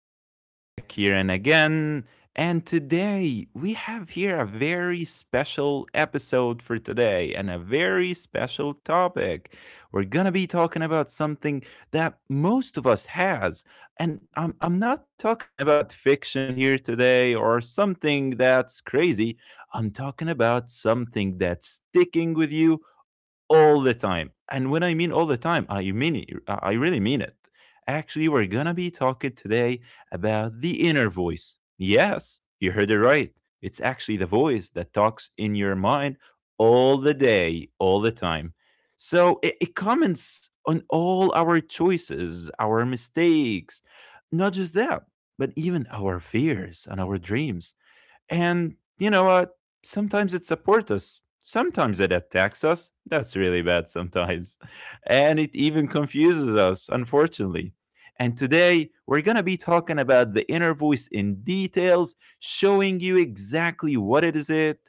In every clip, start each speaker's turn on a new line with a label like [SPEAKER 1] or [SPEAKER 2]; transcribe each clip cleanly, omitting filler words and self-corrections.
[SPEAKER 1] Youssef back here and again. And today we have here a very special episode for today and a very special topic. We're going to be talking about something that most of us has. And I'm not talking about fiction here today or something that's crazy. I'm talking about something that's sticking with you all the time. And when I mean all the time, I mean it, I really mean it. Actually, we're gonna be talking today about the inner voice. Yes, you heard it right. It's actually the voice that talks in your mind all the day, all the time. So it comments on all our choices, our mistakes, not just that, but even our fears and our dreams. And you know what? Sometimes it supports us. Sometimes it attacks us. That's really bad sometimes. And it even confuses us, unfortunately. And today we're going to be talking about the inner voice in details, showing you exactly what it is it,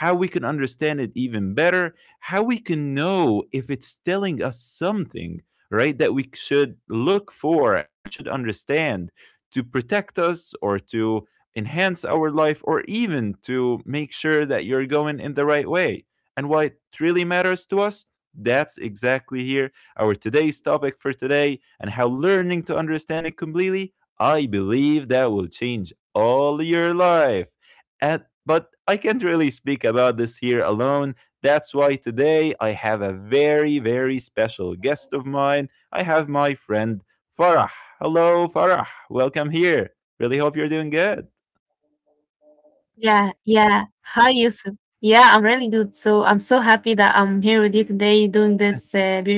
[SPEAKER 1] how we can understand it even better, how we can know if it's telling us something, right, that we should look for and should understand to protect us or to enhance our life or even to make sure that you're going in the right way. And what really matters to us, that's exactly here our today's topic for today and how learning to understand it completely, I believe that will change all your life. And but I can't really speak about this here alone. That's why today I have a very, very special guest of mine. I have my friend Farah. Hello, Farah. Welcome here. Really hope you're doing
[SPEAKER 2] Yeah,
[SPEAKER 1] good.
[SPEAKER 2] yeah. Hi, Yusuf. Yeah, I'm really good. So I'm so happy that I'm here with you today doing this beautiful podcast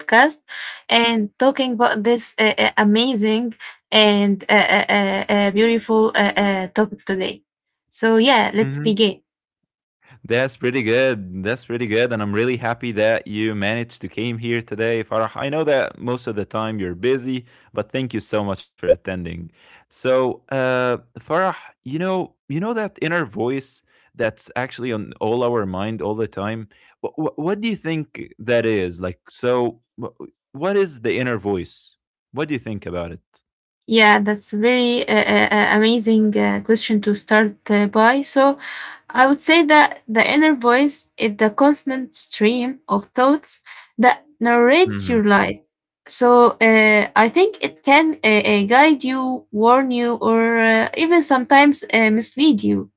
[SPEAKER 2] and talking about this amazing and beautiful topic today. So yeah, let's begin.
[SPEAKER 1] Mhm. That's pretty good. That's pretty good, and I'm really happy that you managed to came here today, Farah. I know that most of the time you're busy, but thank you so much for attending. So, Farah, you know that inner voice that's actually on all our mind all the time. What do you think that is? Like, so, what is the inner voice? What do you think about it?
[SPEAKER 2] Yeah, that's very amazing question to start by. So, I would say that the inner voice is the constant stream of thoughts that narrates
[SPEAKER 1] Hmm.
[SPEAKER 2] your life. So, I think it can guide you, warn you, or even sometimes mislead you.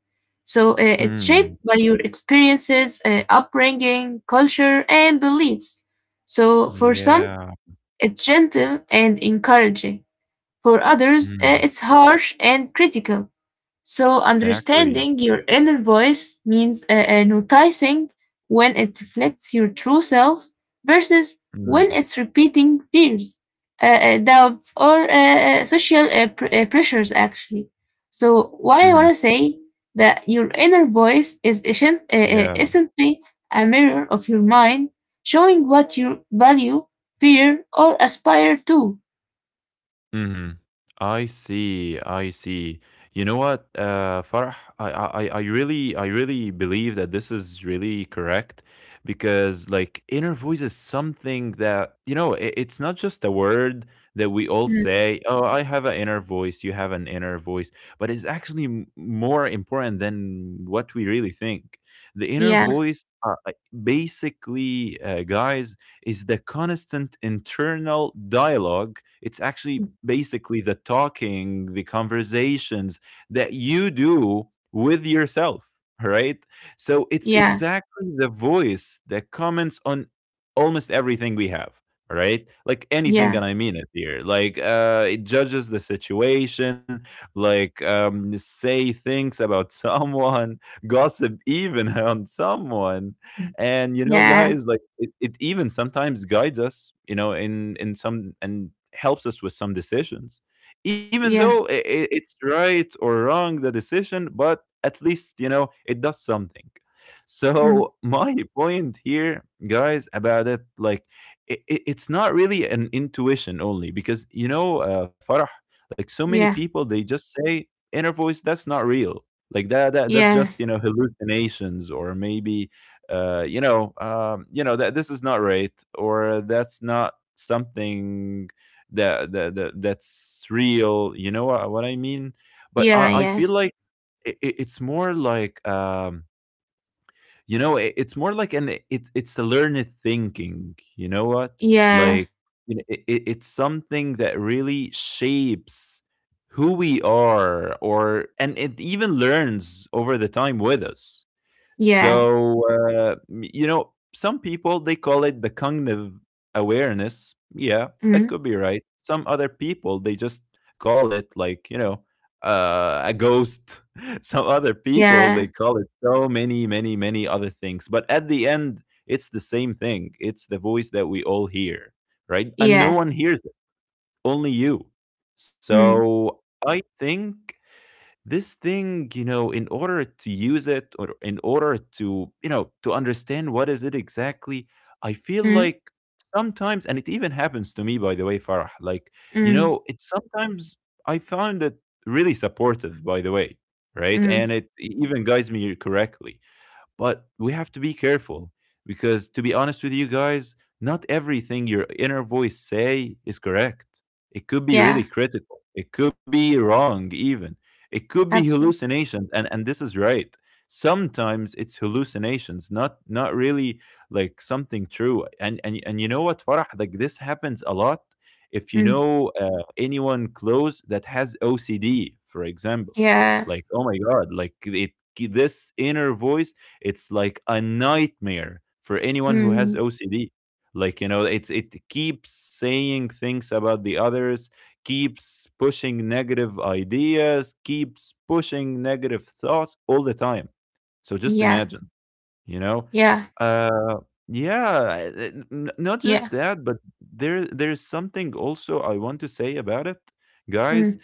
[SPEAKER 2] So, it's
[SPEAKER 1] Mm.
[SPEAKER 2] shaped by your experiences, upbringing, culture, and beliefs. So, for some,
[SPEAKER 1] Yeah.
[SPEAKER 2] it's gentle and encouraging for others,
[SPEAKER 1] Mm.
[SPEAKER 2] it's harsh and critical. So,
[SPEAKER 1] Exactly.
[SPEAKER 2] understanding your inner voice means noticing when it reflects your true self versus when
[SPEAKER 1] Mm.
[SPEAKER 2] it's repeating fears, doubts, or social pressures, actually. So, what I want
[SPEAKER 1] Hmm.
[SPEAKER 2] to say that your inner voice is
[SPEAKER 1] Yeah.
[SPEAKER 2] essentially a mirror of your mind, showing what you value, fear, or aspire to.
[SPEAKER 1] Mhm. I see. I see. You know what, Farah? I really, I really believe that this is really correct because, like, inner voice is something that you know. It's not just a word that we all
[SPEAKER 2] Mm.
[SPEAKER 1] say. Oh, I have an inner voice. You have an inner voice, but it's actually more important than what we really think. The inner
[SPEAKER 2] Yeah.
[SPEAKER 1] voice, basically, guys, is the constant internal dialogue. It's actually basically the talking, the conversations that you do with yourself, right? So it's
[SPEAKER 2] Yeah,
[SPEAKER 1] exactly the voice that comments on almost everything we have. Right, like anything,
[SPEAKER 2] yeah,
[SPEAKER 1] and I mean it here. Like, it judges the situation, like, say things about someone, gossip even on someone,
[SPEAKER 2] mm,
[SPEAKER 1] and you know
[SPEAKER 2] yeah,
[SPEAKER 1] guys, like it even sometimes guides us, you know, in some and helps us with some decisions, even though
[SPEAKER 2] yeah,
[SPEAKER 1] it's right or wrong the decision, but at least you know it does something. So
[SPEAKER 2] mm,
[SPEAKER 1] my point here guys about it, like it's not really an intuition only, because you know, Farah, like so many
[SPEAKER 2] yeah,
[SPEAKER 1] people they just say inner voice that's not real, like that that's
[SPEAKER 2] yeah,
[SPEAKER 1] just, you know, hallucinations, or maybe you know that this is not right, or that's not something that that that's real. You know what I mean? But I,
[SPEAKER 2] yeah,
[SPEAKER 1] I
[SPEAKER 2] yeah,
[SPEAKER 1] feel like it's more like you know, it's more like an it's a learned thinking. You know what?
[SPEAKER 2] yeah,
[SPEAKER 1] Like, you know, it's something that really shapes who we are, or and it even learns over the time with us.
[SPEAKER 2] yeah,
[SPEAKER 1] So, you know, some people they call it the cognitive awareness. Yeah, that
[SPEAKER 2] mm,
[SPEAKER 1] could be right. Some other people they just call it like, you know, a ghost. Some other people they
[SPEAKER 2] yeah,
[SPEAKER 1] call it so many, many, many other things. But at the end, it's the same thing. It's the voice that we all hear, right? And no
[SPEAKER 2] yeah,
[SPEAKER 1] one hears it, only you.
[SPEAKER 2] mm,
[SPEAKER 1] So I think this thing, you know, in order to use it or in order to, you know, to understand what is it exactly, I feel
[SPEAKER 2] mm,
[SPEAKER 1] like sometimes, and it even happens to me by the way, Farah, like you
[SPEAKER 2] mm,
[SPEAKER 1] know it sometimes I found it really supportive, by the way, right,
[SPEAKER 2] mm,
[SPEAKER 1] and it even guides me correctly. But we have to be careful, because, to be honest with you guys, not everything your inner voice say is correct. It could be really
[SPEAKER 2] yeah,
[SPEAKER 1] critical. It could be wrong, even. It could be
[SPEAKER 2] absolutely,
[SPEAKER 1] hallucinations, and this is right. Sometimes it's hallucinations, not really like something true. And you know what, Farah? Like this happens a lot. If you
[SPEAKER 2] mm,
[SPEAKER 1] know anyone close that has OCD, for example,
[SPEAKER 2] yeah,
[SPEAKER 1] like oh my god, like it this inner voice, it's like a nightmare for anyone who has
[SPEAKER 2] mm,
[SPEAKER 1] OCD. Like, you know, it's it keeps saying things about the others, keeps pushing negative ideas, keeps pushing negative thoughts all the time. So just
[SPEAKER 2] yeah,
[SPEAKER 1] imagine, you know?
[SPEAKER 2] yeah,
[SPEAKER 1] Uh yeah, not just
[SPEAKER 2] yeah,
[SPEAKER 1] that, but there's something also I want to say about it, guys,
[SPEAKER 2] mm,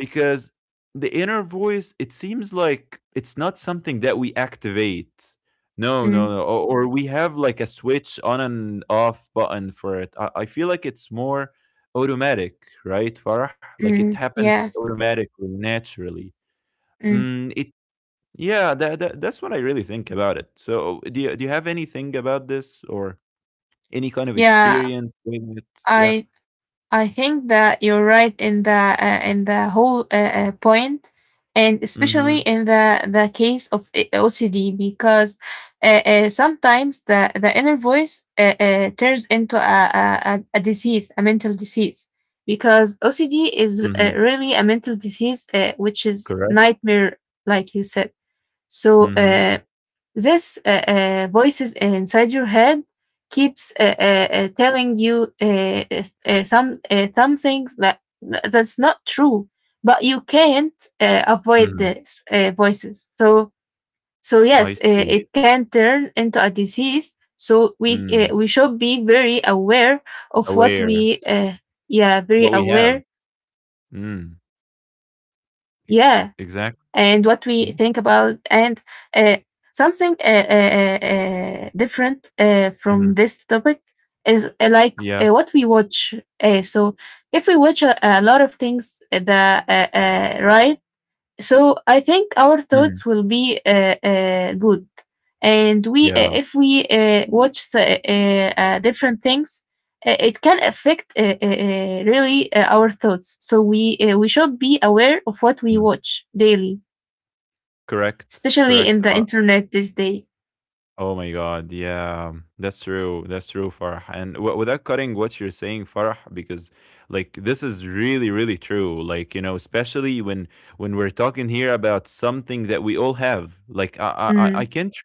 [SPEAKER 1] because the inner voice, it seems like it's not something that we activate. No
[SPEAKER 2] mm,
[SPEAKER 1] no no, or we have like a switch on and off button for it. I feel like it's more automatic, right, Farah? Like
[SPEAKER 2] mm,
[SPEAKER 1] it happens
[SPEAKER 2] yeah,
[SPEAKER 1] automatically, naturally.
[SPEAKER 2] mm,
[SPEAKER 1] Mm, it Yeah, that that's what I really think about it. So do you have anything about this or any kind of
[SPEAKER 2] yeah.
[SPEAKER 1] experience with it? Yeah.
[SPEAKER 2] I I think that you're right in the whole point, and
[SPEAKER 1] Mm-hmm.
[SPEAKER 2] especially in the case of OCD, because sometimes the inner voice turns into a disease, a mental disease, because OCD is
[SPEAKER 1] Mm-hmm.
[SPEAKER 2] really a mental disease, which is
[SPEAKER 1] Correct.
[SPEAKER 2] nightmare, like you said. So
[SPEAKER 1] Mm-hmm.
[SPEAKER 2] this voices inside your head keeps telling you some things that that's not true but you can't avoid
[SPEAKER 1] Mm-hmm.
[SPEAKER 2] these voices so so yes,
[SPEAKER 1] I see.
[SPEAKER 2] it can turn into a disease. So
[SPEAKER 1] Mm.
[SPEAKER 2] we should be very aware of what
[SPEAKER 1] Aware.
[SPEAKER 2] we yeah, very
[SPEAKER 1] What we
[SPEAKER 2] aware,
[SPEAKER 1] have. Mm.
[SPEAKER 2] yeah,
[SPEAKER 1] E
[SPEAKER 2] and what we
[SPEAKER 1] Exactly.
[SPEAKER 2] think about.
[SPEAKER 1] Yeah.
[SPEAKER 2] And uh, something different from this
[SPEAKER 1] Mhm.
[SPEAKER 2] topic is like
[SPEAKER 1] Yeah.
[SPEAKER 2] what we watch, so if we watch a lot of things the right, so I think our
[SPEAKER 1] Mhm.
[SPEAKER 2] thoughts will be good. And we
[SPEAKER 1] Yeah.
[SPEAKER 2] if we watch the different things, it can affect really our thoughts. So we should be aware of what we
[SPEAKER 1] Mm.
[SPEAKER 2] watch daily,
[SPEAKER 1] Correct.
[SPEAKER 2] especially
[SPEAKER 1] Correct.
[SPEAKER 2] in the internet these days.
[SPEAKER 1] Oh my god. Yeah. That's true. That's true, Farah. And w without cutting what you're saying, Farah, because like this is really, really true. Like, you know, especially when we're talking here about something that we all have. Like I
[SPEAKER 2] Mm.
[SPEAKER 1] can't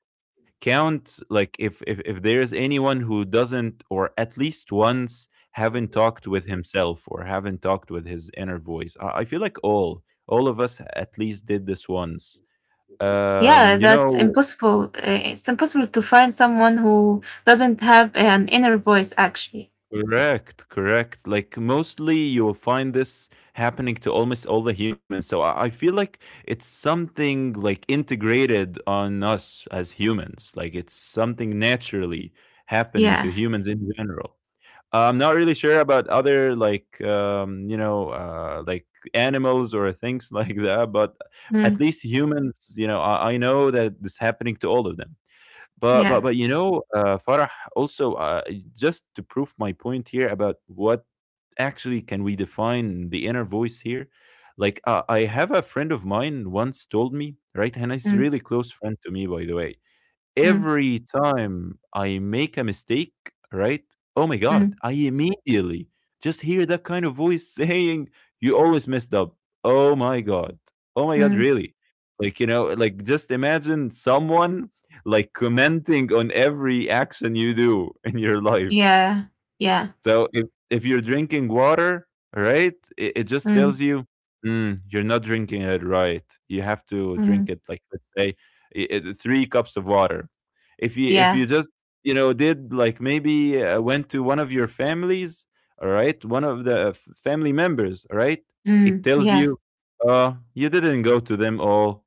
[SPEAKER 1] count, like if if there's anyone who doesn't or at least once haven't talked with himself or haven't talked with his inner voice, I feel like all of us at least did this once,
[SPEAKER 2] Yeah,
[SPEAKER 1] you
[SPEAKER 2] that's
[SPEAKER 1] know.
[SPEAKER 2] impossible. It's impossible to find someone who doesn't have an inner voice, actually.
[SPEAKER 1] Correct, correct. Like mostly you'll find this happening to almost all the humans, so I feel like it's something like integrated on us as humans, like it's something naturally happening to
[SPEAKER 2] Yeah.
[SPEAKER 1] humans in general. I'm not really sure about other, like you know, like animals or things like that, but at
[SPEAKER 2] Mm,
[SPEAKER 1] least humans, you know, I know that this happening to all of them. But
[SPEAKER 2] yeah.
[SPEAKER 1] you know, Farah. Also, just to prove my point here about what actually can we define the inner voice here. Like, I have a friend of mine once told me, right, and he's
[SPEAKER 2] Mm,
[SPEAKER 1] really close friend to me, by the way,
[SPEAKER 2] mm,
[SPEAKER 1] every time I make a mistake, right? Oh my God,
[SPEAKER 2] mm,
[SPEAKER 1] I immediately just hear that kind of voice saying, You always messed up. Oh my God. Oh my God,
[SPEAKER 2] mm.
[SPEAKER 1] really? Like, you know, like just imagine someone like commenting on every action you do in your life.
[SPEAKER 2] Yeah. Yeah.
[SPEAKER 1] So if you're drinking water, right, it just
[SPEAKER 2] Mm,
[SPEAKER 1] tells you, mm, you're not drinking it right. You have to drink
[SPEAKER 2] mm,
[SPEAKER 1] it like, let's say, three cups of water. If you,
[SPEAKER 2] yeah.
[SPEAKER 1] just, you know, did like maybe went to one of your families, all right, one of the family members, all right, it
[SPEAKER 2] Mm,
[SPEAKER 1] tells
[SPEAKER 2] yeah.
[SPEAKER 1] you, you didn't go to them all.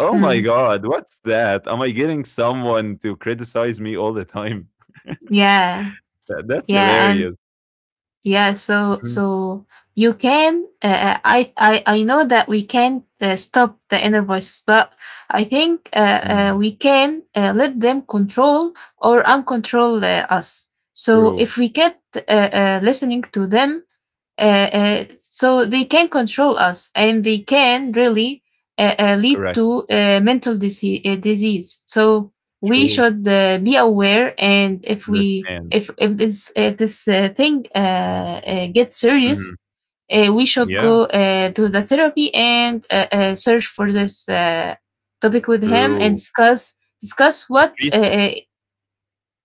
[SPEAKER 1] Oh my
[SPEAKER 2] Mm,
[SPEAKER 1] God, what's that? Am I getting someone to criticize me all the time?
[SPEAKER 2] yeah.
[SPEAKER 1] That's
[SPEAKER 2] Yeah. And
[SPEAKER 1] hilarious.
[SPEAKER 2] yeah, so so you can. I know that we can't stop the inner voices, but I think
[SPEAKER 1] Mhm.
[SPEAKER 2] we can let them control or uncontrol us. So
[SPEAKER 1] True.
[SPEAKER 2] if we kept listening to them, so they can control us and they can really lead
[SPEAKER 1] Correct.
[SPEAKER 2] to mental disease, disease. So we
[SPEAKER 1] True.
[SPEAKER 2] should be aware. And if we
[SPEAKER 1] Understand.
[SPEAKER 2] if this thing gets
[SPEAKER 1] Mhm.
[SPEAKER 2] serious, we should
[SPEAKER 1] Yeah.
[SPEAKER 2] go to the therapy and search for this topic with him and
[SPEAKER 1] True.
[SPEAKER 2] discuss
[SPEAKER 1] At
[SPEAKER 2] what uh,
[SPEAKER 1] least.
[SPEAKER 2] uh,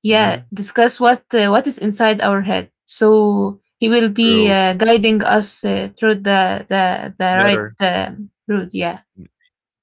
[SPEAKER 2] yeah,
[SPEAKER 1] Mhm.
[SPEAKER 2] discuss what is inside our head. So he will be
[SPEAKER 1] True.
[SPEAKER 2] guiding us through the
[SPEAKER 1] Better.
[SPEAKER 2] right route. Yeah.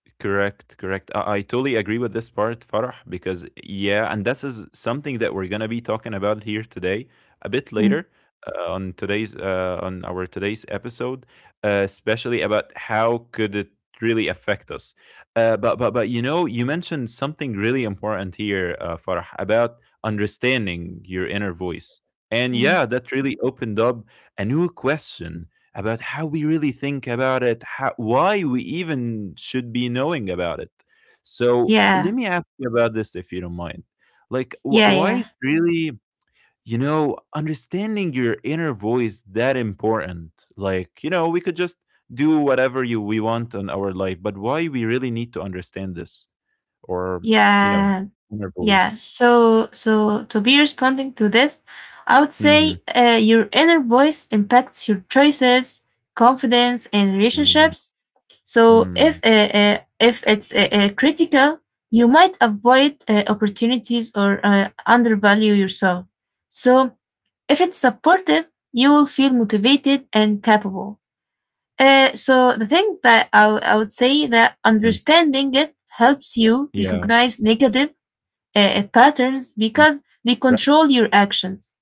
[SPEAKER 1] Correct, correct. I totally agree with this part, Farah, because yeah, and this is something that we're gonna be talking about here today, a bit
[SPEAKER 2] Mm,
[SPEAKER 1] later on our today's episode, especially about how could it really affect us. But you know, you mentioned something really important here, Farah, about understanding your inner voice, and
[SPEAKER 2] mm.
[SPEAKER 1] yeah, that really opened up a new question about how we really think about it, how, why we even should be knowing about it. So
[SPEAKER 2] Yeah.
[SPEAKER 1] let me ask you about this, if you don't mind. Like,
[SPEAKER 2] Yeah.
[SPEAKER 1] why
[SPEAKER 2] Yeah.
[SPEAKER 1] is really, you know, understanding your inner voice that important? Like, you know, we could just do whatever you we want on our life, but why we really need to understand this or you know,
[SPEAKER 2] Yeah.
[SPEAKER 1] inner
[SPEAKER 2] Yeah.
[SPEAKER 1] voice.
[SPEAKER 2] So so to be responding to this, I would
[SPEAKER 1] Mm-hmm.
[SPEAKER 2] say your inner voice impacts your choices, confidence, and
[SPEAKER 1] Mm-hmm.
[SPEAKER 2] relationships. So if
[SPEAKER 1] Mm.
[SPEAKER 2] uh, uh, if it's critical, you might avoid opportunities or undervalue yourself. So if it's supportive, you will feel motivated and capable. So the thing that I would say that
[SPEAKER 1] Mm.
[SPEAKER 2] understanding it helps you
[SPEAKER 1] Yeah.
[SPEAKER 2] recognize negative patterns,
[SPEAKER 1] Mm.
[SPEAKER 2] because they
[SPEAKER 1] Correct.
[SPEAKER 2] control your actions,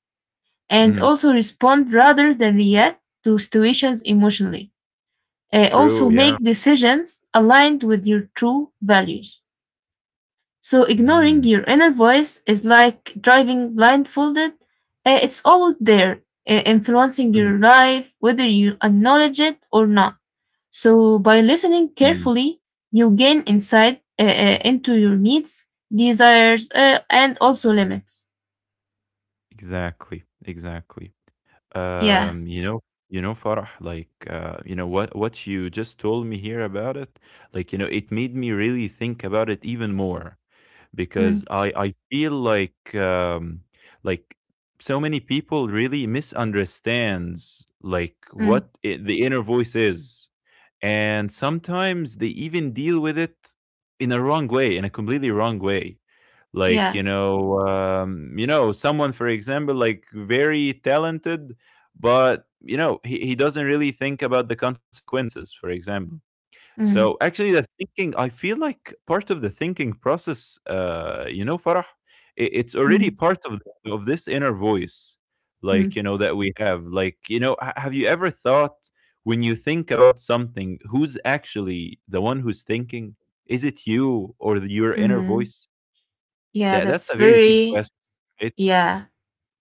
[SPEAKER 2] and
[SPEAKER 1] Mm-hmm.
[SPEAKER 2] also respond rather than react to situations emotionally.
[SPEAKER 1] True.
[SPEAKER 2] Also,
[SPEAKER 1] Yeah.
[SPEAKER 2] make decisions aligned with your true values. So,
[SPEAKER 1] Mm-hmm.
[SPEAKER 2] ignoring your inner voice is like driving blindfolded. It's always there, influencing your life, whether you acknowledge it or not. So, by listening
[SPEAKER 1] Mm-hmm.
[SPEAKER 2] carefully, you gain insight into your needs, desires, and also limits.
[SPEAKER 1] Exactly, exactly.
[SPEAKER 2] Yeah.
[SPEAKER 1] Um, you know, you know, Farah, like, you know what you just told me here about it, like, you know, it made me really think about it even more because
[SPEAKER 2] Mm,
[SPEAKER 1] I feel like so many people really misunderstands, like
[SPEAKER 2] mm,
[SPEAKER 1] what I the inner voice is, and sometimes they even deal with it in a wrong way, in a completely wrong way. Like,
[SPEAKER 2] yeah.
[SPEAKER 1] you know, you know, someone for example, like very talented, but you know, he doesn't really think about the consequences, for example. So
[SPEAKER 2] Mm,
[SPEAKER 1] actually the thinking, I feel like, part of the thinking process, you know, Farah, it's already
[SPEAKER 2] mm,
[SPEAKER 1] part of this inner voice. Like,
[SPEAKER 2] mm,
[SPEAKER 1] you know, that we have, like, you know, have you ever thought, when you think about something, who's actually the one who's thinking? Is it you or your inner
[SPEAKER 2] mm.
[SPEAKER 1] voice?
[SPEAKER 2] Yeah,
[SPEAKER 1] That's
[SPEAKER 2] that's
[SPEAKER 1] a very deep
[SPEAKER 2] very,
[SPEAKER 1] question, right?
[SPEAKER 2] yeah,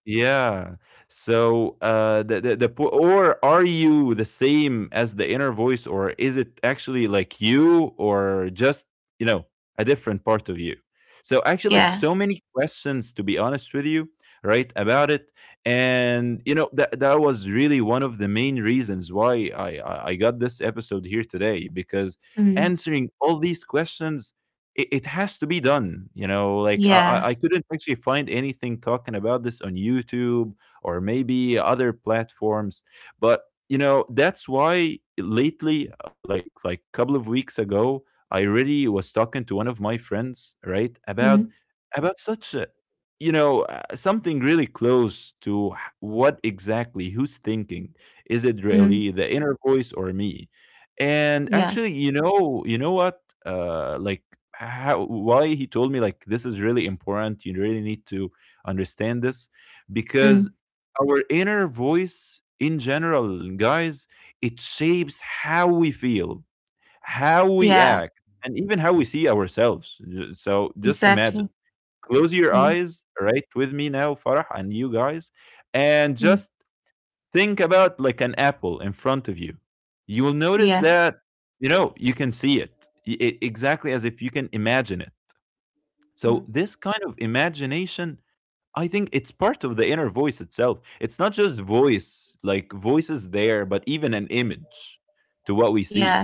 [SPEAKER 1] Yeah. So, the po or are you the same as the inner voice, or is it actually like you, or just, you know, a different part of you? So actually, like
[SPEAKER 2] yeah.
[SPEAKER 1] so many questions, to be honest with you, right, about it. And you know, that was really one of the main reasons why I got this episode here today, because,
[SPEAKER 2] Mm.
[SPEAKER 1] answering all these questions, it has to be done. You know, like, I, I
[SPEAKER 2] Yeah.
[SPEAKER 1] I couldn't actually find anything talking about this on YouTube or maybe other platforms. But you know, that's why lately, like a couple of weeks ago, I really was talking to one of my friends, right, about
[SPEAKER 2] Mm,
[SPEAKER 1] such a, you know, something really close to what exactly, who's thinking, is it
[SPEAKER 2] mm,
[SPEAKER 1] really the inner voice or me? And
[SPEAKER 2] yeah.
[SPEAKER 1] actually, you know, you know what, like, how, why, he told me, like, this is really important, you really need to understand this,
[SPEAKER 2] Mm,
[SPEAKER 1] because our inner voice, in general, guys, it shapes how we feel, how
[SPEAKER 2] yeah.
[SPEAKER 1] we act, and even how we see ourselves. So just
[SPEAKER 2] Exactly.
[SPEAKER 1] imagine, close your
[SPEAKER 2] Mm,
[SPEAKER 1] eyes, right, with me now, Farah, and you guys, and
[SPEAKER 2] mm,
[SPEAKER 1] just think about, like, an apple in front of you. You will notice
[SPEAKER 2] yeah.
[SPEAKER 1] that, you know, you can see it, it exactly as if you can imagine it.
[SPEAKER 2] Mm,
[SPEAKER 1] So this kind of imagination, I think it's part of the inner voice itself. It's not just voice, like, voice is there, but even an image to what we
[SPEAKER 2] yeah.
[SPEAKER 1] see.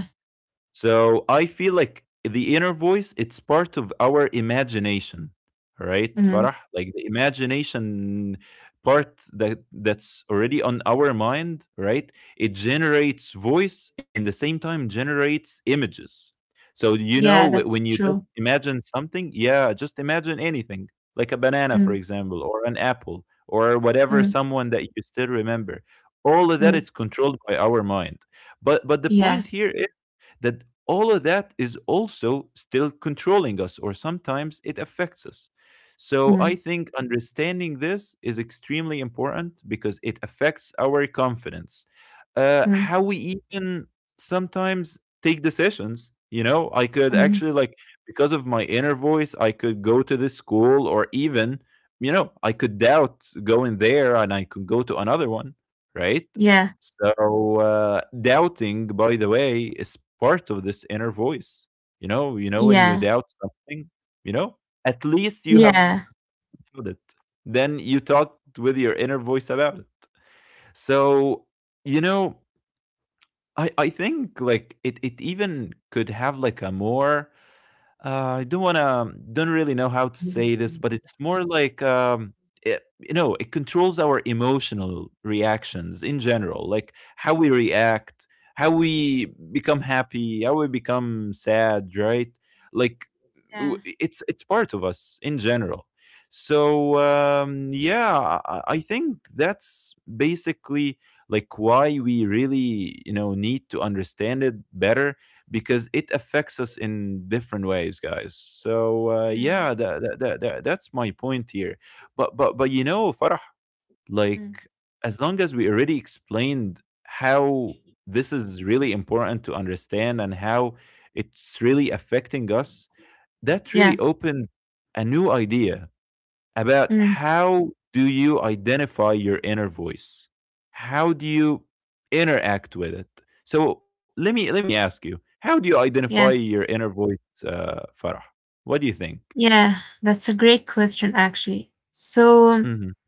[SPEAKER 1] So I feel like the inner voice, it's part of our imagination, right,
[SPEAKER 2] Mm,
[SPEAKER 1] Farah? Like the imagination part that's already on our mind, right? It generates voice, and the same time generates images. So you know,
[SPEAKER 2] yeah.
[SPEAKER 1] when
[SPEAKER 2] That's
[SPEAKER 1] you just
[SPEAKER 2] true.
[SPEAKER 1] imagine something, yeah, just imagine anything, like a banana, for
[SPEAKER 2] Mm,
[SPEAKER 1] example, or an apple, or whatever,
[SPEAKER 2] mm,
[SPEAKER 1] someone that you still remember. All of that
[SPEAKER 2] mm,
[SPEAKER 1] is controlled by our mind, but the
[SPEAKER 2] yeah.
[SPEAKER 1] point here, that all of that is also still controlling us, or sometimes it affects us. So I
[SPEAKER 2] Mm,
[SPEAKER 1] think understanding this is extremely important, because it affects our confidence,
[SPEAKER 2] mm,
[SPEAKER 1] how we even sometimes take decisions. You know, I could
[SPEAKER 2] mm,
[SPEAKER 1] actually, like, because of my inner voice, I could go to this school, or even, you know, I could doubt going there, and I could go to another one, right?
[SPEAKER 2] yeah.
[SPEAKER 1] So, doubting, by the way, is part of this inner voice. You know when you
[SPEAKER 2] Yeah.
[SPEAKER 1] doubt something, you know, at least you have
[SPEAKER 2] Yeah.
[SPEAKER 1] thought it. Then you talked with your inner voice about it. So, you know, I think like it even could have like a more, I don't wanna, don't really know how to say
[SPEAKER 2] Mm.
[SPEAKER 1] this, but it's more like, it, you know, it controls our emotional reactions in general, like how we react, how we become happy, how we become sad, right? Like, w
[SPEAKER 2] Yeah.
[SPEAKER 1] it's part of us in general. So, yeah, I think that's basically, like, why we really, you know, need to understand it better, because it affects us in different ways, guys. So,
[SPEAKER 2] Mm,
[SPEAKER 1] yeah, that's my point here. But you know, Farah,
[SPEAKER 2] mm,
[SPEAKER 1] like, as long as we already explained how this is really important to understand, and how it's really affecting us, that
[SPEAKER 2] yeah.
[SPEAKER 1] really opened a new idea about,
[SPEAKER 2] Mm,
[SPEAKER 1] how do you identify your inner voice? How do you interact with it? So let me ask you, how do you identify
[SPEAKER 2] yeah.
[SPEAKER 1] your inner voice, Farah? What do you think?
[SPEAKER 2] Yeah. That's a great question, actually. So,
[SPEAKER 1] Hmm.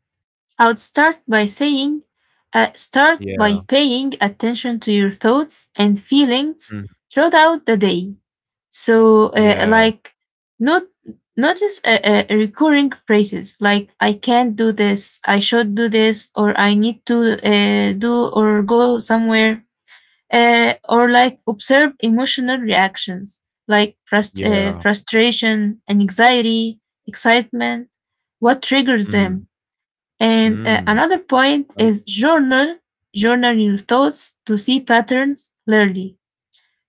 [SPEAKER 2] I would start by saying, start by
[SPEAKER 1] Yeah.
[SPEAKER 2] paying attention to your thoughts and feelings
[SPEAKER 1] Mm.
[SPEAKER 2] throughout the day. So,
[SPEAKER 1] Yeah.
[SPEAKER 2] like, not notice recurring phrases like "I can't do this," "I should do this," or "I need to do or go somewhere," or like observe emotional reactions like
[SPEAKER 1] Yeah.
[SPEAKER 2] frustration, anxiety, excitement. What triggers them?
[SPEAKER 1] Mm.
[SPEAKER 2] And
[SPEAKER 1] Mm.
[SPEAKER 2] another point
[SPEAKER 1] Nice.
[SPEAKER 2] is journal your thoughts to see patterns clearly.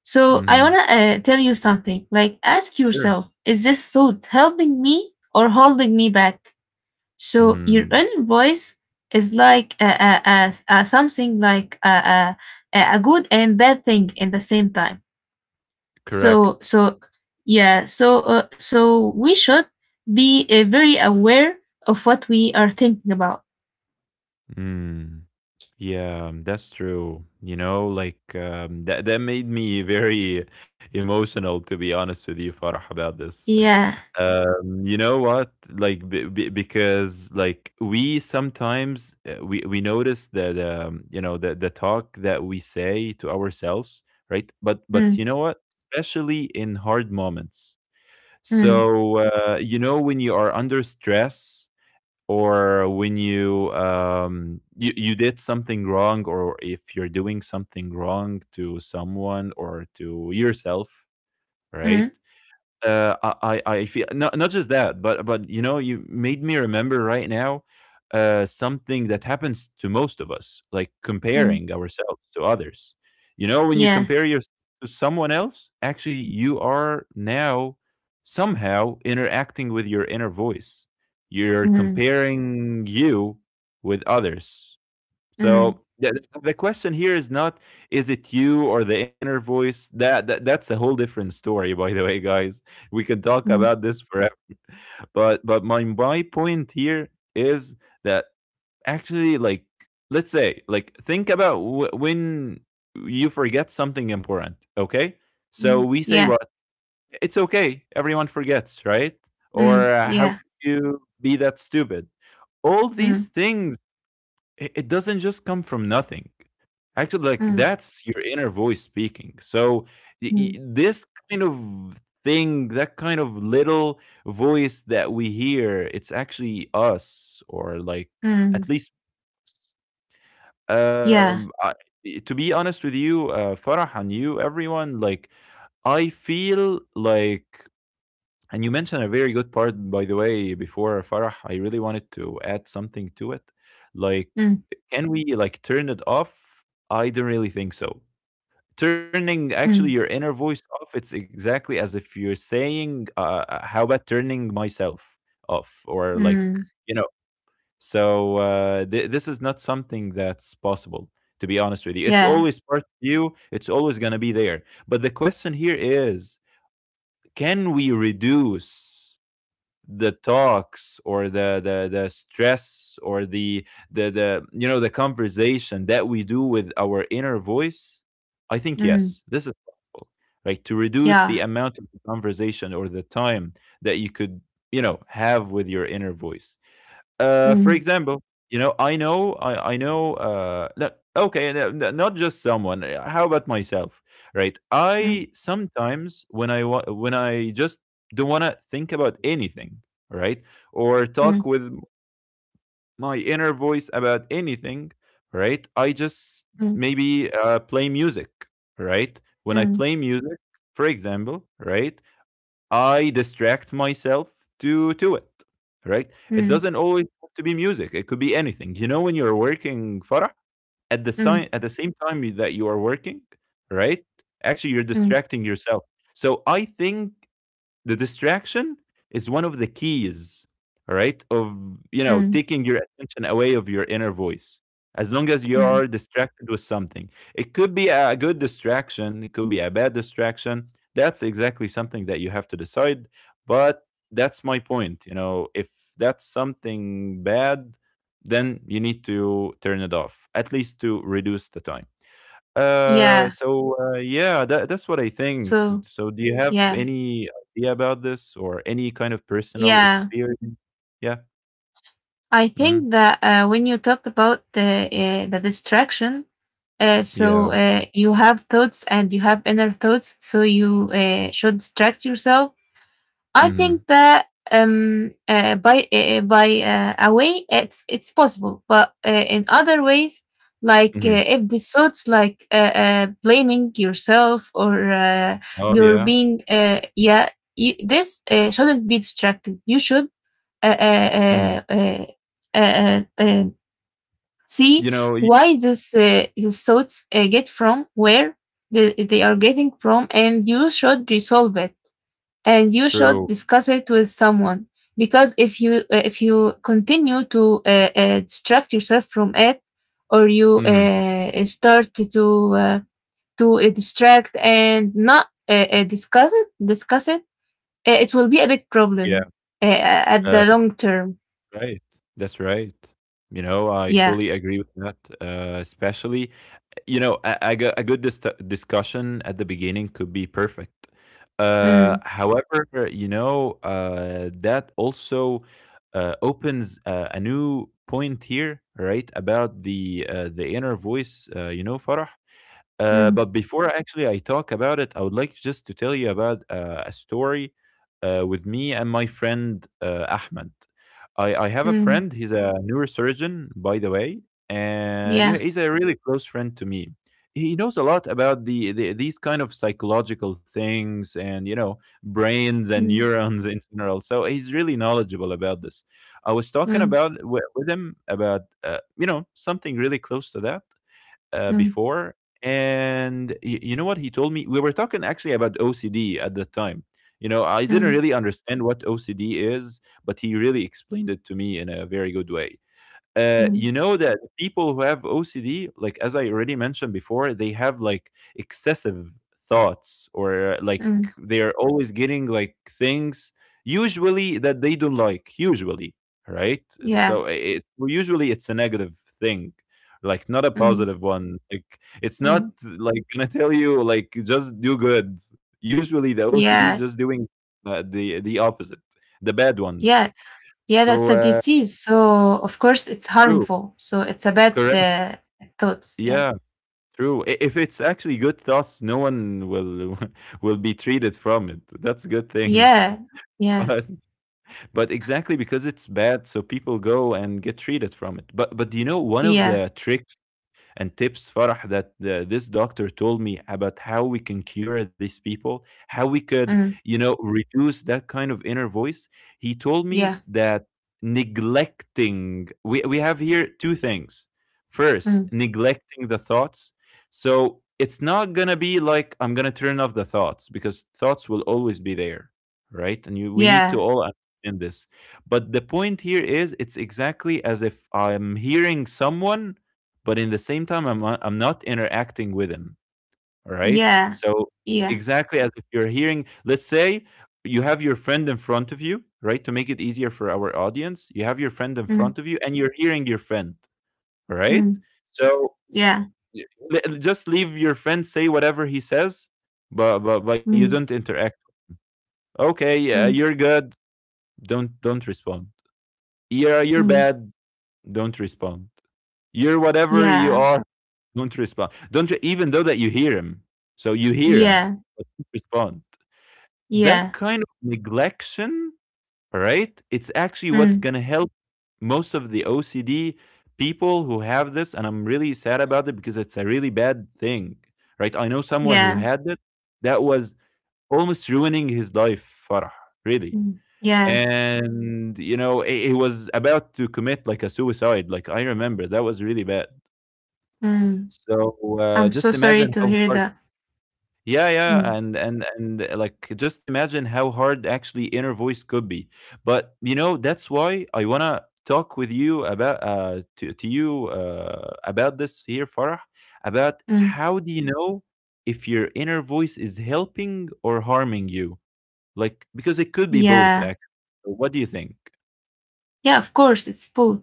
[SPEAKER 2] So I
[SPEAKER 1] Mm.
[SPEAKER 2] wanna tell you something. Like ask
[SPEAKER 1] Sure.
[SPEAKER 2] yourself, is this thought helping me or holding me back? So your
[SPEAKER 1] Mm.
[SPEAKER 2] inner voice is like a something like a a good and bad thing in the same time. So
[SPEAKER 1] Correct.
[SPEAKER 2] so yeah. So so we should be very aware of what we are thinking about.
[SPEAKER 1] Mm. Yeah, that's true. You know, like, that made me very emotional, to be honest with you, Farah, about this.
[SPEAKER 2] Yeah.
[SPEAKER 1] You know what? Like, b b because like, we sometimes, we notice that, you know, the talk that we say to ourselves, right? But
[SPEAKER 2] Hmm.
[SPEAKER 1] you know what? Especially in hard moments.
[SPEAKER 2] Mm,
[SPEAKER 1] So, you know, when you are under stress, or when you, you did something wrong, or if you're doing something wrong to someone or to yourself, right.
[SPEAKER 2] mm,
[SPEAKER 1] I feel, not just that, but you know, you made me remember right now, something that happens to most of us, like
[SPEAKER 2] mm.
[SPEAKER 1] comparing ourselves to others. You know, when you
[SPEAKER 2] Yeah.
[SPEAKER 1] compare yourself to someone else, actually, you are now somehow interacting with your inner voice. You're
[SPEAKER 2] Mm,
[SPEAKER 1] comparing you with others.
[SPEAKER 2] mm,
[SPEAKER 1] So the question here is not, is it you or the inner voice? That's a whole different story, by the way, guys. We can talk
[SPEAKER 2] mm,
[SPEAKER 1] about this forever. But my point here is that actually, like, let's say, like, think about when you forget something important. Okay, so
[SPEAKER 2] mm.
[SPEAKER 1] we say
[SPEAKER 2] Yeah.
[SPEAKER 1] what? It's okay. Everyone forgets, right? Or,
[SPEAKER 2] Mm,
[SPEAKER 1] how
[SPEAKER 2] yeah.
[SPEAKER 1] could you be that stupid? All these
[SPEAKER 2] Mm,
[SPEAKER 1] things, it doesn't just come from nothing. Actually, like,
[SPEAKER 2] mm,
[SPEAKER 1] that's your inner voice speaking. So
[SPEAKER 2] mm,
[SPEAKER 1] this kind of thing, that kind of little voice that we hear, it's actually us, or like,
[SPEAKER 2] mm.
[SPEAKER 1] at least, us.
[SPEAKER 2] Yeah.
[SPEAKER 1] I, to be honest with you, Farah, and you, everyone, like, I feel like, and you mentioned a very good part, by the way, before, Farah. I really wanted to add something to it. Like,
[SPEAKER 2] Mm,
[SPEAKER 1] can we, like, turn it off? I don't really think so. Turning actually your
[SPEAKER 2] mm,
[SPEAKER 1] inner voice off, it's exactly as if you're saying, how about turning myself off? Or like,
[SPEAKER 2] mm.
[SPEAKER 1] you know, so, this is not something that's possible, to be honest with you. It's
[SPEAKER 2] Yeah.
[SPEAKER 1] always part of you, it's always going to be there. But the question here is, can we reduce the talks, or the stress, or the, you know, the conversation that we do with our inner voice? I think
[SPEAKER 2] Mm,
[SPEAKER 1] yes, this is possible, right, to reduce the
[SPEAKER 2] yeah.
[SPEAKER 1] amount of the conversation or the time that you could, you know, have with your inner voice. For
[SPEAKER 2] Mm,
[SPEAKER 1] example, you know, I know, I know, no, okay, no, no, not just someone. How about myself, right?
[SPEAKER 2] mm,
[SPEAKER 1] I sometimes, when I when I just don't want to think about anything, right, or
[SPEAKER 2] mm,
[SPEAKER 1] talk with my inner voice about anything, right? I just
[SPEAKER 2] mm,
[SPEAKER 1] maybe, play music, right? When I
[SPEAKER 2] mm,
[SPEAKER 1] play music, for example, right, I distract myself to it, right? It
[SPEAKER 2] mm,
[SPEAKER 1] doesn't always have to be music. It could be anything. You know, when you're working, Farah, at the
[SPEAKER 2] mm,
[SPEAKER 1] at the same time that you are working, right? Actually, you're
[SPEAKER 2] mm,
[SPEAKER 1] distracting yourself. So I think the distraction is one of the keys, all right, of, you know,
[SPEAKER 2] mm,
[SPEAKER 1] taking your attention away of your inner voice. As long as you
[SPEAKER 2] mm.
[SPEAKER 1] are distracted with something, it could be a good distraction, it could be a bad distraction. That's exactly something that you have to decide. But that's my point, you know, if that's something bad, then you need to turn it off, at least to reduce the time.
[SPEAKER 2] Yeah.
[SPEAKER 1] So, yeah, that's what I think.
[SPEAKER 2] So,
[SPEAKER 1] So, do you have
[SPEAKER 2] yeah.
[SPEAKER 1] any idea about this, or any kind of personal
[SPEAKER 2] Yeah.
[SPEAKER 1] experience? Yeah.
[SPEAKER 2] I
[SPEAKER 1] Hmm.
[SPEAKER 2] think that when you talked about the distraction, so
[SPEAKER 1] Yeah.
[SPEAKER 2] you have thoughts and you have inner thoughts, so you should distract yourself. I think
[SPEAKER 1] Hmm.
[SPEAKER 2] that by a way it's possible, but in other ways, like
[SPEAKER 1] Hmm.
[SPEAKER 2] if the thoughts like blaming yourself or
[SPEAKER 1] Oh, yeah.
[SPEAKER 2] you're being yeah, you, this shouldn't be distracted. You should uh,
[SPEAKER 1] Hmm.
[SPEAKER 2] uh, uh, uh, uh, uh, see
[SPEAKER 1] You know,
[SPEAKER 2] why this these thoughts get from where they are getting from, and you should resolve it, and you should
[SPEAKER 1] true.
[SPEAKER 2] discuss it with someone. Because if you continue to distract yourself from it, or you
[SPEAKER 1] Hmm.
[SPEAKER 2] start to distract and not discuss it, it will be a big
[SPEAKER 1] Yeah.
[SPEAKER 2] problem uh, at
[SPEAKER 1] Uh,
[SPEAKER 2] the long term.
[SPEAKER 1] right. That's right. You know, I
[SPEAKER 2] Yeah.
[SPEAKER 1] totally agree with that. Especially, you know, a good discussion at the beginning could be perfect.
[SPEAKER 2] Mm.
[SPEAKER 1] However, you know, that also opens a new point here, right? About the, the inner voice, you know, Farah.
[SPEAKER 2] Mm,
[SPEAKER 1] But before actually I talk about it, I would like just to tell you about a story, with me and my friend, Ahmed. I have a
[SPEAKER 2] mm,
[SPEAKER 1] friend. He's a neurosurgeon, by the way, and yeah,
[SPEAKER 2] yeah.
[SPEAKER 1] he's a really close friend to me. He knows a lot about the these kind of psychological things, and you know, brains and
[SPEAKER 2] Mm,
[SPEAKER 1] neurons in general. So he's really knowledgeable about this. I was talking
[SPEAKER 2] mm,
[SPEAKER 1] with him about you know, something really close to that,
[SPEAKER 2] mm,
[SPEAKER 1] before, and you know what he told me? We were talking actually about OCD at that time. You know, I didn't
[SPEAKER 2] mm,
[SPEAKER 1] really understand what OCD is, but he really explained it to me in a very good way.
[SPEAKER 2] mm,
[SPEAKER 1] You know that people who have OCD, like as I already mentioned before, they have like excessive thoughts, or like,
[SPEAKER 2] mm,
[SPEAKER 1] they are always getting like things, usually that they don't like, usually, right?
[SPEAKER 2] yeah.
[SPEAKER 1] So it's, well, usually it's a negative thing, like not a
[SPEAKER 2] Mm,
[SPEAKER 1] positive one. Like it's not
[SPEAKER 2] mm,
[SPEAKER 1] like gonna tell you like just do good. Usually the OCD just
[SPEAKER 2] yeah.
[SPEAKER 1] doing the opposite, the bad ones.
[SPEAKER 2] Yeah. Yeah. That's
[SPEAKER 1] So
[SPEAKER 2] a disease. So of course it's
[SPEAKER 1] true,
[SPEAKER 2] harmful. So it's a bad
[SPEAKER 1] correct.
[SPEAKER 2] thoughts. Yeah.
[SPEAKER 1] Yeah, true. If it's actually good thoughts, no one will will be treated from it. That's a good thing.
[SPEAKER 2] Yeah. Yeah.
[SPEAKER 1] But but exactly because it's bad, so people go and get treated from it. But do you know one of
[SPEAKER 2] Yeah.
[SPEAKER 1] the tricks and tips, Farah, that this doctor told me about, how we can cure these people, how we could,
[SPEAKER 2] Mm,
[SPEAKER 1] you know, reduce that kind of inner voice? He told me
[SPEAKER 2] yeah.
[SPEAKER 1] that neglecting, we have here two things. First,
[SPEAKER 2] Mm,
[SPEAKER 1] neglecting the thoughts. So it's not going to be like I'm going to turn off the thoughts, because thoughts will always be there, right? And we need to
[SPEAKER 2] yeah.
[SPEAKER 1] all understand this. But the point here is it's exactly as if I'm hearing someone, but in the same time I'm not interacting with him, right?
[SPEAKER 2] Yeah.
[SPEAKER 1] So
[SPEAKER 2] Yeah.
[SPEAKER 1] exactly as if you're hearing, let's say, you have your friend in front of you, right? To make it easier for our audience, you have your friend in
[SPEAKER 2] Mm,
[SPEAKER 1] front of you and you're hearing your friend, right?
[SPEAKER 2] mm,
[SPEAKER 1] So
[SPEAKER 2] yeah.
[SPEAKER 1] y- just leave your friend say whatever he says, but but you don't
[SPEAKER 2] Mm,
[SPEAKER 1] interact. Okay, yeah, you're
[SPEAKER 2] mm,
[SPEAKER 1] good. Don't respond. Yeah, you're
[SPEAKER 2] mm,
[SPEAKER 1] bad. Don't respond. You're whatever you
[SPEAKER 2] yeah.
[SPEAKER 1] are. Don't respond. Don't even though that you hear him. So you hear him,
[SPEAKER 2] Yeah.
[SPEAKER 1] but don't respond. That
[SPEAKER 2] Yeah.
[SPEAKER 1] kind of neglection, right? It's actually what's
[SPEAKER 2] Mm,
[SPEAKER 1] gonna help most of the OCD people who have this, and I'm really sad about it because it's a really bad thing, right? I know someone who
[SPEAKER 2] yeah.
[SPEAKER 1] had it that was almost ruining his life, Farah, really.
[SPEAKER 2] Mm, yeah.
[SPEAKER 1] And you know, he was about to commit like a suicide. Like I remember, that was really bad.
[SPEAKER 2] Mm.
[SPEAKER 1] So,
[SPEAKER 2] I'm so
[SPEAKER 1] just
[SPEAKER 2] sorry
[SPEAKER 1] imagine
[SPEAKER 2] to
[SPEAKER 1] how
[SPEAKER 2] hear
[SPEAKER 1] hard.
[SPEAKER 2] that.
[SPEAKER 1] Yeah, yeah,
[SPEAKER 2] Mm,
[SPEAKER 1] and like just imagine how hard actually inner voice could be. But you know, that's why I wanna talk with you about to you about this here, Farah, about
[SPEAKER 2] mm.
[SPEAKER 1] how do you know if your inner voice is helping or harming you? Like because it could be both
[SPEAKER 2] Yeah,
[SPEAKER 1] actually. What do you think?
[SPEAKER 2] yeah, of course, it's both.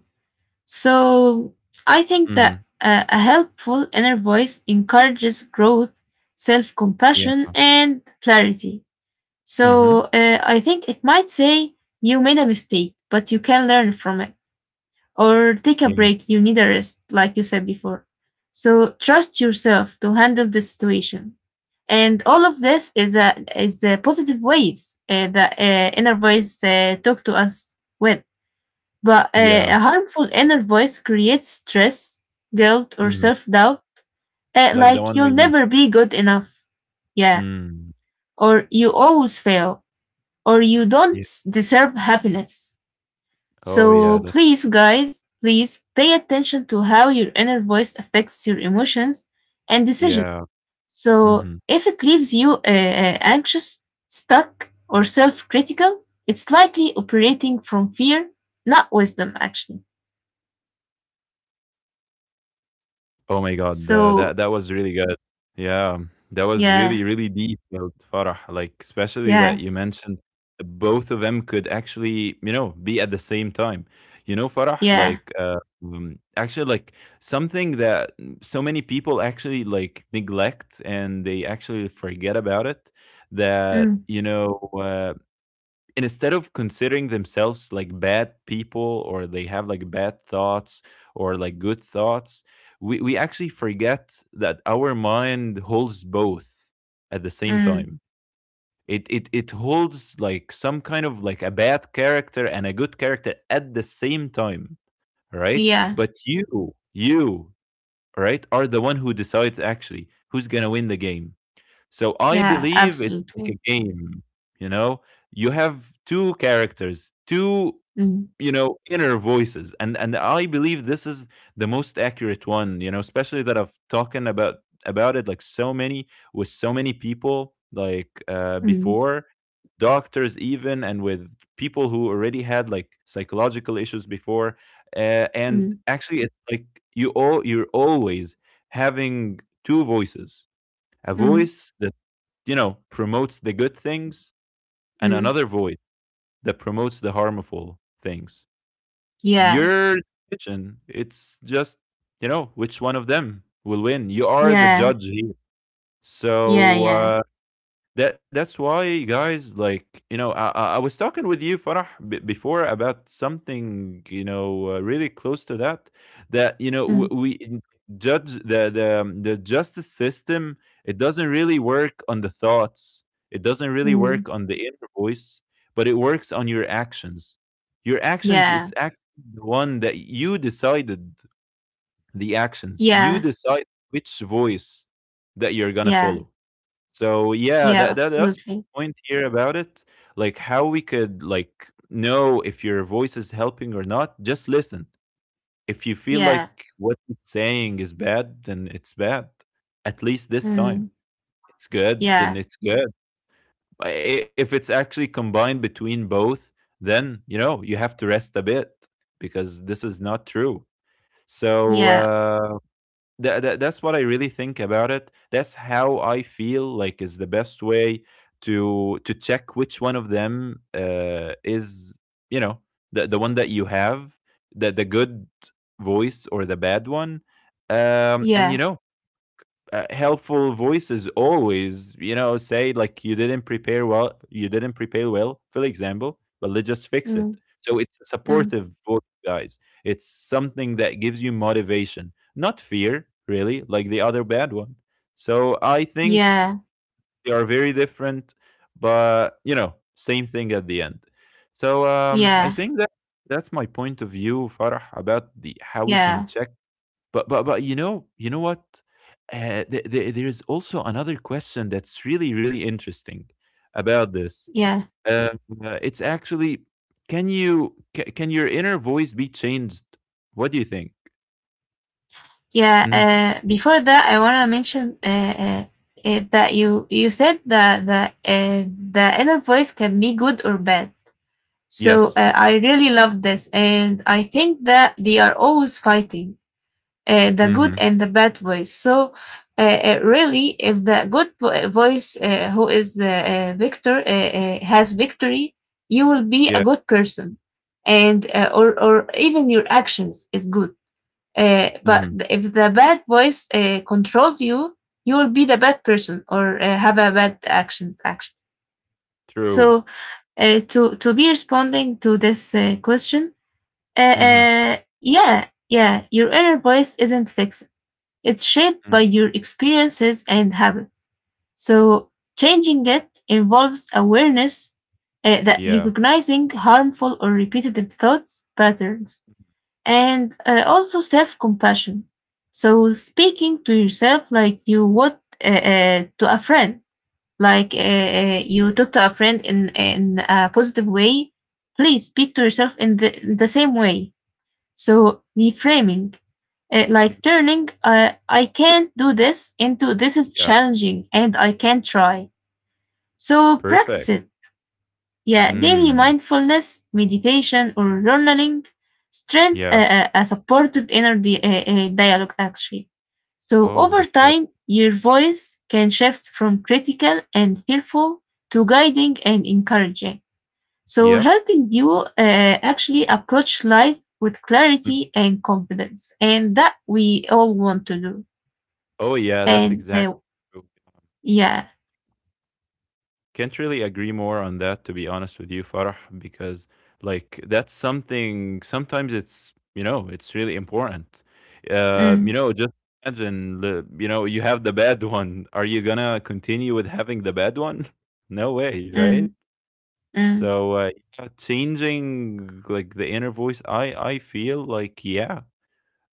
[SPEAKER 2] So I think
[SPEAKER 1] Mm-hmm.
[SPEAKER 2] that a helpful inner voice encourages growth, self
[SPEAKER 1] Yeah.
[SPEAKER 2] compassion, and clarity.
[SPEAKER 1] Mm-hmm.
[SPEAKER 2] So I think it might say, you made a mistake, but you can learn from it. Or take a
[SPEAKER 1] Yeah.
[SPEAKER 2] break, you need a rest, like you said before. So trust yourself to handle the situation. And all of this is a is the positive ways that inner voice talk to us with. But a
[SPEAKER 1] Yeah.
[SPEAKER 2] harmful inner voice creates stress, guilt, or
[SPEAKER 1] Mm-hmm.
[SPEAKER 2] self-doubt,
[SPEAKER 1] Like the
[SPEAKER 2] like,
[SPEAKER 1] one we
[SPEAKER 2] you'll
[SPEAKER 1] met.
[SPEAKER 2] never be good enough, yeah,
[SPEAKER 1] Mm.
[SPEAKER 2] or you always fail, or you don't
[SPEAKER 1] Yeah.
[SPEAKER 2] deserve happiness.
[SPEAKER 1] Oh yeah,
[SPEAKER 2] So
[SPEAKER 1] that's.
[SPEAKER 2] please, guys, please pay attention to how your inner voice affects your emotions and decisions.
[SPEAKER 1] Yeah.
[SPEAKER 2] So
[SPEAKER 1] Mhm.
[SPEAKER 2] if it leaves you anxious, stuck, or self critical, it's likely operating from fear, not wisdom, actually.
[SPEAKER 1] Oh my god, that that was
[SPEAKER 2] So,
[SPEAKER 1] really good. Yeah. That was really,
[SPEAKER 2] yeah,
[SPEAKER 1] really deep about Farah, like, especially that you
[SPEAKER 2] yeah,
[SPEAKER 1] mentioned both of them could actually, you know, be at the same time. You know, Farah,
[SPEAKER 2] yeah,
[SPEAKER 1] like, actually, like, something that so many people actually, like, neglect and they actually forget about it, that,
[SPEAKER 2] mm,
[SPEAKER 1] you know, and instead of considering themselves like bad people, or they have like bad thoughts or like good thoughts, we actually forget that our mind holds both at the same
[SPEAKER 2] mm,
[SPEAKER 1] time. It holds like some kind of like a bad character and a good character at the same time, right?
[SPEAKER 2] yeah,
[SPEAKER 1] But you right are the one who decides actually who's gonna win the game. So I
[SPEAKER 2] yeah,
[SPEAKER 1] believe it's like a
[SPEAKER 2] absolutely.
[SPEAKER 1] game, you know? You have two characters,
[SPEAKER 2] Mm,
[SPEAKER 1] you know, inner voices. And I believe this is the most accurate one, you know, especially that I've talking about it like so many with so many people like
[SPEAKER 2] mm,
[SPEAKER 1] before, doctors even, and with people who already had like psychological issues before, and
[SPEAKER 2] mm,
[SPEAKER 1] actually it's like you're always having two voices, a
[SPEAKER 2] mm,
[SPEAKER 1] voice that, you know, promotes the good things, and
[SPEAKER 2] mm.
[SPEAKER 1] another voice that promotes the harmful things.
[SPEAKER 2] Yeah,
[SPEAKER 1] Your decision, it's just, you know, which one of them will win. You are the
[SPEAKER 2] yeah,
[SPEAKER 1] judge here.
[SPEAKER 2] yeah,
[SPEAKER 1] So,
[SPEAKER 2] yeah,
[SPEAKER 1] that that's why, guys. Like you know, I was talking with you, Farah, before about something, you know, really close to that. That you know
[SPEAKER 2] mm,
[SPEAKER 1] we judge the the justice system. It doesn't really work on the thoughts. It doesn't really work
[SPEAKER 2] mm,
[SPEAKER 1] on the inner voice, but it works on your actions. Your actions. It's
[SPEAKER 2] yeah,
[SPEAKER 1] act the one that you decided. The actions you
[SPEAKER 2] yeah,
[SPEAKER 1] decide which voice that you're gonna
[SPEAKER 2] yeah,
[SPEAKER 1] follow. So yeah,
[SPEAKER 2] yeah,
[SPEAKER 1] that that's the
[SPEAKER 2] absolutely.
[SPEAKER 1] point here about it. Like how we could like know if your voice is helping or not. Just listen. If you feel
[SPEAKER 2] Yeah,
[SPEAKER 1] like what it's saying is bad, then it's bad. At least this time,
[SPEAKER 2] mm,
[SPEAKER 1] it's good. Then
[SPEAKER 2] yeah,
[SPEAKER 1] it's good. I- i- If it's actually combined between both, then you know you have to rest a bit because this is not true. So
[SPEAKER 2] yeah,
[SPEAKER 1] that that's what I really think about it. That's how I feel like is the best way to check which one of them is, you know, the one that you have, the good voice or the bad one. And you
[SPEAKER 2] yeah.
[SPEAKER 1] know, helpful voices always, you know, say like, you didn't prepare well, you didn't prepare well, for example, but let's just fix it.
[SPEAKER 2] Mm,
[SPEAKER 1] So it's a
[SPEAKER 2] mm.
[SPEAKER 1] supportive voice, guys. It's something that gives you motivation, not fear, really like the other bad one. So I think
[SPEAKER 2] Yeah,
[SPEAKER 1] they are very different, but you know, same thing at the end. So I
[SPEAKER 2] yeah,
[SPEAKER 1] think that that's my point of view, Farah, about the how we can
[SPEAKER 2] yeah,
[SPEAKER 1] check. But but you know, you know what? There is also another question that's really, really interesting about this.
[SPEAKER 2] yeah,
[SPEAKER 1] Um, it's actually, can you can your inner voice be changed? What do you think?
[SPEAKER 2] yeah.
[SPEAKER 1] Mhm.
[SPEAKER 2] Before that, I wanna mention that you said that the inner voice can be good or bad. So
[SPEAKER 1] Yes.
[SPEAKER 2] I really love this, and I think that they are always fighting. The
[SPEAKER 1] Hmm.
[SPEAKER 2] good and the bad voice. So, really, if the good voice, who is the victor, has victory, you will be a
[SPEAKER 1] Yeah.
[SPEAKER 2] good person, and or even your actions is good. But
[SPEAKER 1] Hmm.
[SPEAKER 2] if the bad voice controls you, you will be the bad person or have a bad actions. Action.
[SPEAKER 1] True.
[SPEAKER 2] So, to be responding to this question,
[SPEAKER 1] Hmm.
[SPEAKER 2] yeah, your inner voice isn't fixed. It's shaped
[SPEAKER 1] Mm.
[SPEAKER 2] by your experiences and habits. So, changing it involves awareness that
[SPEAKER 1] Yeah.
[SPEAKER 2] recognizing harmful or repetitive thoughts, patterns, and also self compassion. So, speaking to yourself like you would to a friend, like you talk to a friend in a positive way. Please speak to yourself in the same way. So reframing,
[SPEAKER 1] Mm,
[SPEAKER 2] like turning, I can't do this into this is
[SPEAKER 1] yeah.
[SPEAKER 2] challenging and I can try. So
[SPEAKER 1] Perfect.
[SPEAKER 2] practice it. Yeah, daily
[SPEAKER 1] Mm.
[SPEAKER 2] mindfulness, meditation, or journaling strength
[SPEAKER 1] Yeah.
[SPEAKER 2] a supportive inner dialogue actually. So
[SPEAKER 1] Oh,
[SPEAKER 2] over
[SPEAKER 1] that's right.
[SPEAKER 2] time, your voice can shift from critical and fearful to guiding and encouraging. So,
[SPEAKER 1] Yep.
[SPEAKER 2] helping you actually approach life with
[SPEAKER 1] Mm.
[SPEAKER 2] clarity and confidence. And that we all want to do.
[SPEAKER 1] Oh yeah, that's
[SPEAKER 2] And
[SPEAKER 1] exactly. True.
[SPEAKER 2] yeah.
[SPEAKER 1] Can't really agree more on that, to be honest with you, Farah, because like that's something sometimes, it's, you know, it's really important. You
[SPEAKER 2] Mm,
[SPEAKER 1] know, just imagine, you know, you have the bad one. Are you gonna continue with having the bad one? No way, right?
[SPEAKER 2] mm, mm,
[SPEAKER 1] So yeah, changing like the inner voice, I feel like yeah,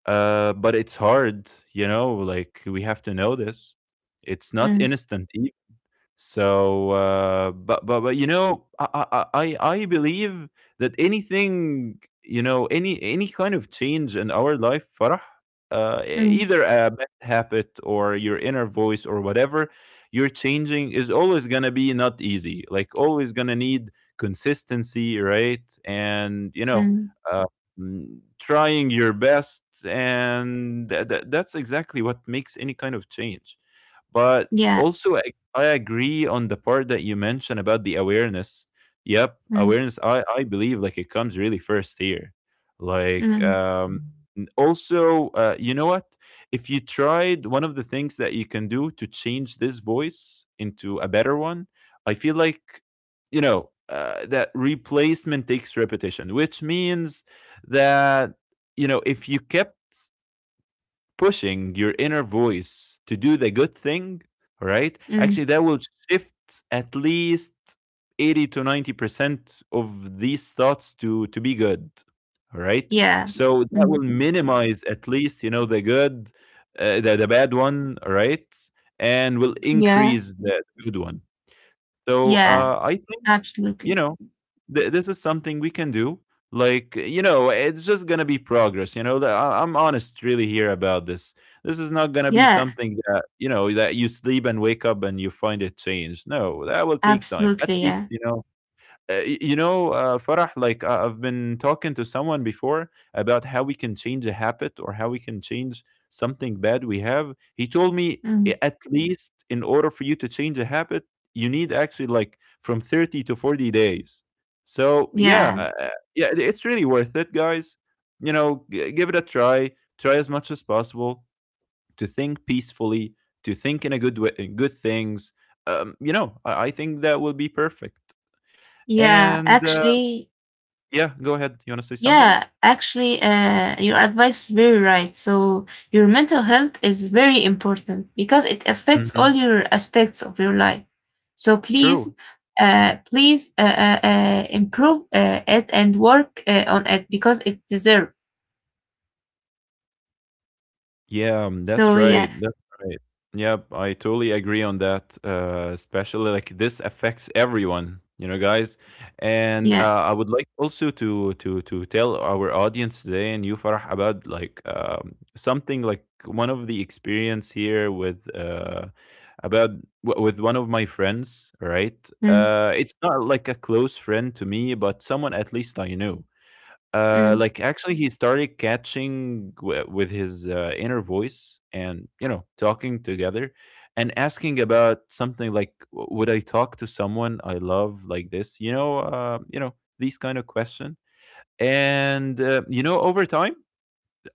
[SPEAKER 1] but it's hard, you know, like we have to know this. It's not
[SPEAKER 2] mm,
[SPEAKER 1] instant. So, but but you know, I believe that anything, you know, any kind of change in our life, Farah,
[SPEAKER 2] mm,
[SPEAKER 1] either a bad habit, or your inner voice, or whatever you're changing, is always gonna be not easy. Like always gonna need consistency, right? And you know,
[SPEAKER 2] mm.
[SPEAKER 1] uh, trying your best, and that that's exactly what makes any kind of change. But
[SPEAKER 2] Yeah.
[SPEAKER 1] also, I agree on the part that you mentioned about the awareness. Yep,
[SPEAKER 2] Mm,
[SPEAKER 1] awareness. I believe like it comes really first here. Like
[SPEAKER 2] mm,
[SPEAKER 1] also, you know what? If you tried one of the things that you can do to change this voice into a better one, I feel like, you know, that replacement takes repetition, which means that, you know, if you kept pushing your inner voice to do the good thing, right?
[SPEAKER 2] mm.
[SPEAKER 1] Actually, that will shift at least 80 to 90% of these thoughts to be good, right?
[SPEAKER 2] Yeah.
[SPEAKER 1] So that will
[SPEAKER 2] Mm.
[SPEAKER 1] minimize at least, you know, the good, the bad one, right? And will
[SPEAKER 2] Yeah.
[SPEAKER 1] increase the good one. So
[SPEAKER 2] Yeah.
[SPEAKER 1] I think, you
[SPEAKER 2] Absolutely.
[SPEAKER 1] know, this is something we can do. Like, you know, it's just going to be progress. You know, I'm honest really here about this. This is not going to be
[SPEAKER 2] Yeah.
[SPEAKER 1] something that, you know, that you sleep and wake up and you find it changed. No, that will take time. At
[SPEAKER 2] Absolutely.
[SPEAKER 1] least,
[SPEAKER 2] Yeah.
[SPEAKER 1] you know, you know, Farah, like I've been talking to someone before about how we can change a habit or how we can change something bad we have. He told me, "I-
[SPEAKER 2] Mm.
[SPEAKER 1] at least in order for you to change a habit, you need actually like from 30 to 40 days. So,
[SPEAKER 2] Yeah.
[SPEAKER 1] yeah, yeah, it's really worth it, guys. You know, give it a try. Try as much as possible to think peacefully, to think in a good way, in good things. You know, I think that will be perfect.
[SPEAKER 2] Yeah.
[SPEAKER 1] And
[SPEAKER 2] Actually,
[SPEAKER 1] yeah, go ahead. You wanna say something?
[SPEAKER 2] yeah, actually, your advice is very right. So, your mental health is very important because it affects all
[SPEAKER 1] Mhm.
[SPEAKER 2] your aspects of your life. So, please,
[SPEAKER 1] True.
[SPEAKER 2] please improve it and work on it because it deserves.
[SPEAKER 1] Yeah, that's
[SPEAKER 2] So,
[SPEAKER 1] right,
[SPEAKER 2] yeah,
[SPEAKER 1] that's right. Yep, I totally agree on that, especially, like, this affects everyone, you know, guys? And,
[SPEAKER 2] yeah,
[SPEAKER 1] I would like also to to tell our audience today and you, Farah, about, like, something like one of the experience here with, about w with one of my friends, right?
[SPEAKER 2] mm,
[SPEAKER 1] It's not like a close friend to me, but someone at least I know.
[SPEAKER 2] mm,
[SPEAKER 1] Like actually, he started catching with his inner voice and you know talking together and asking about something like, "Would I talk to someone I love like this?" You know these kind of question. And you know, over time,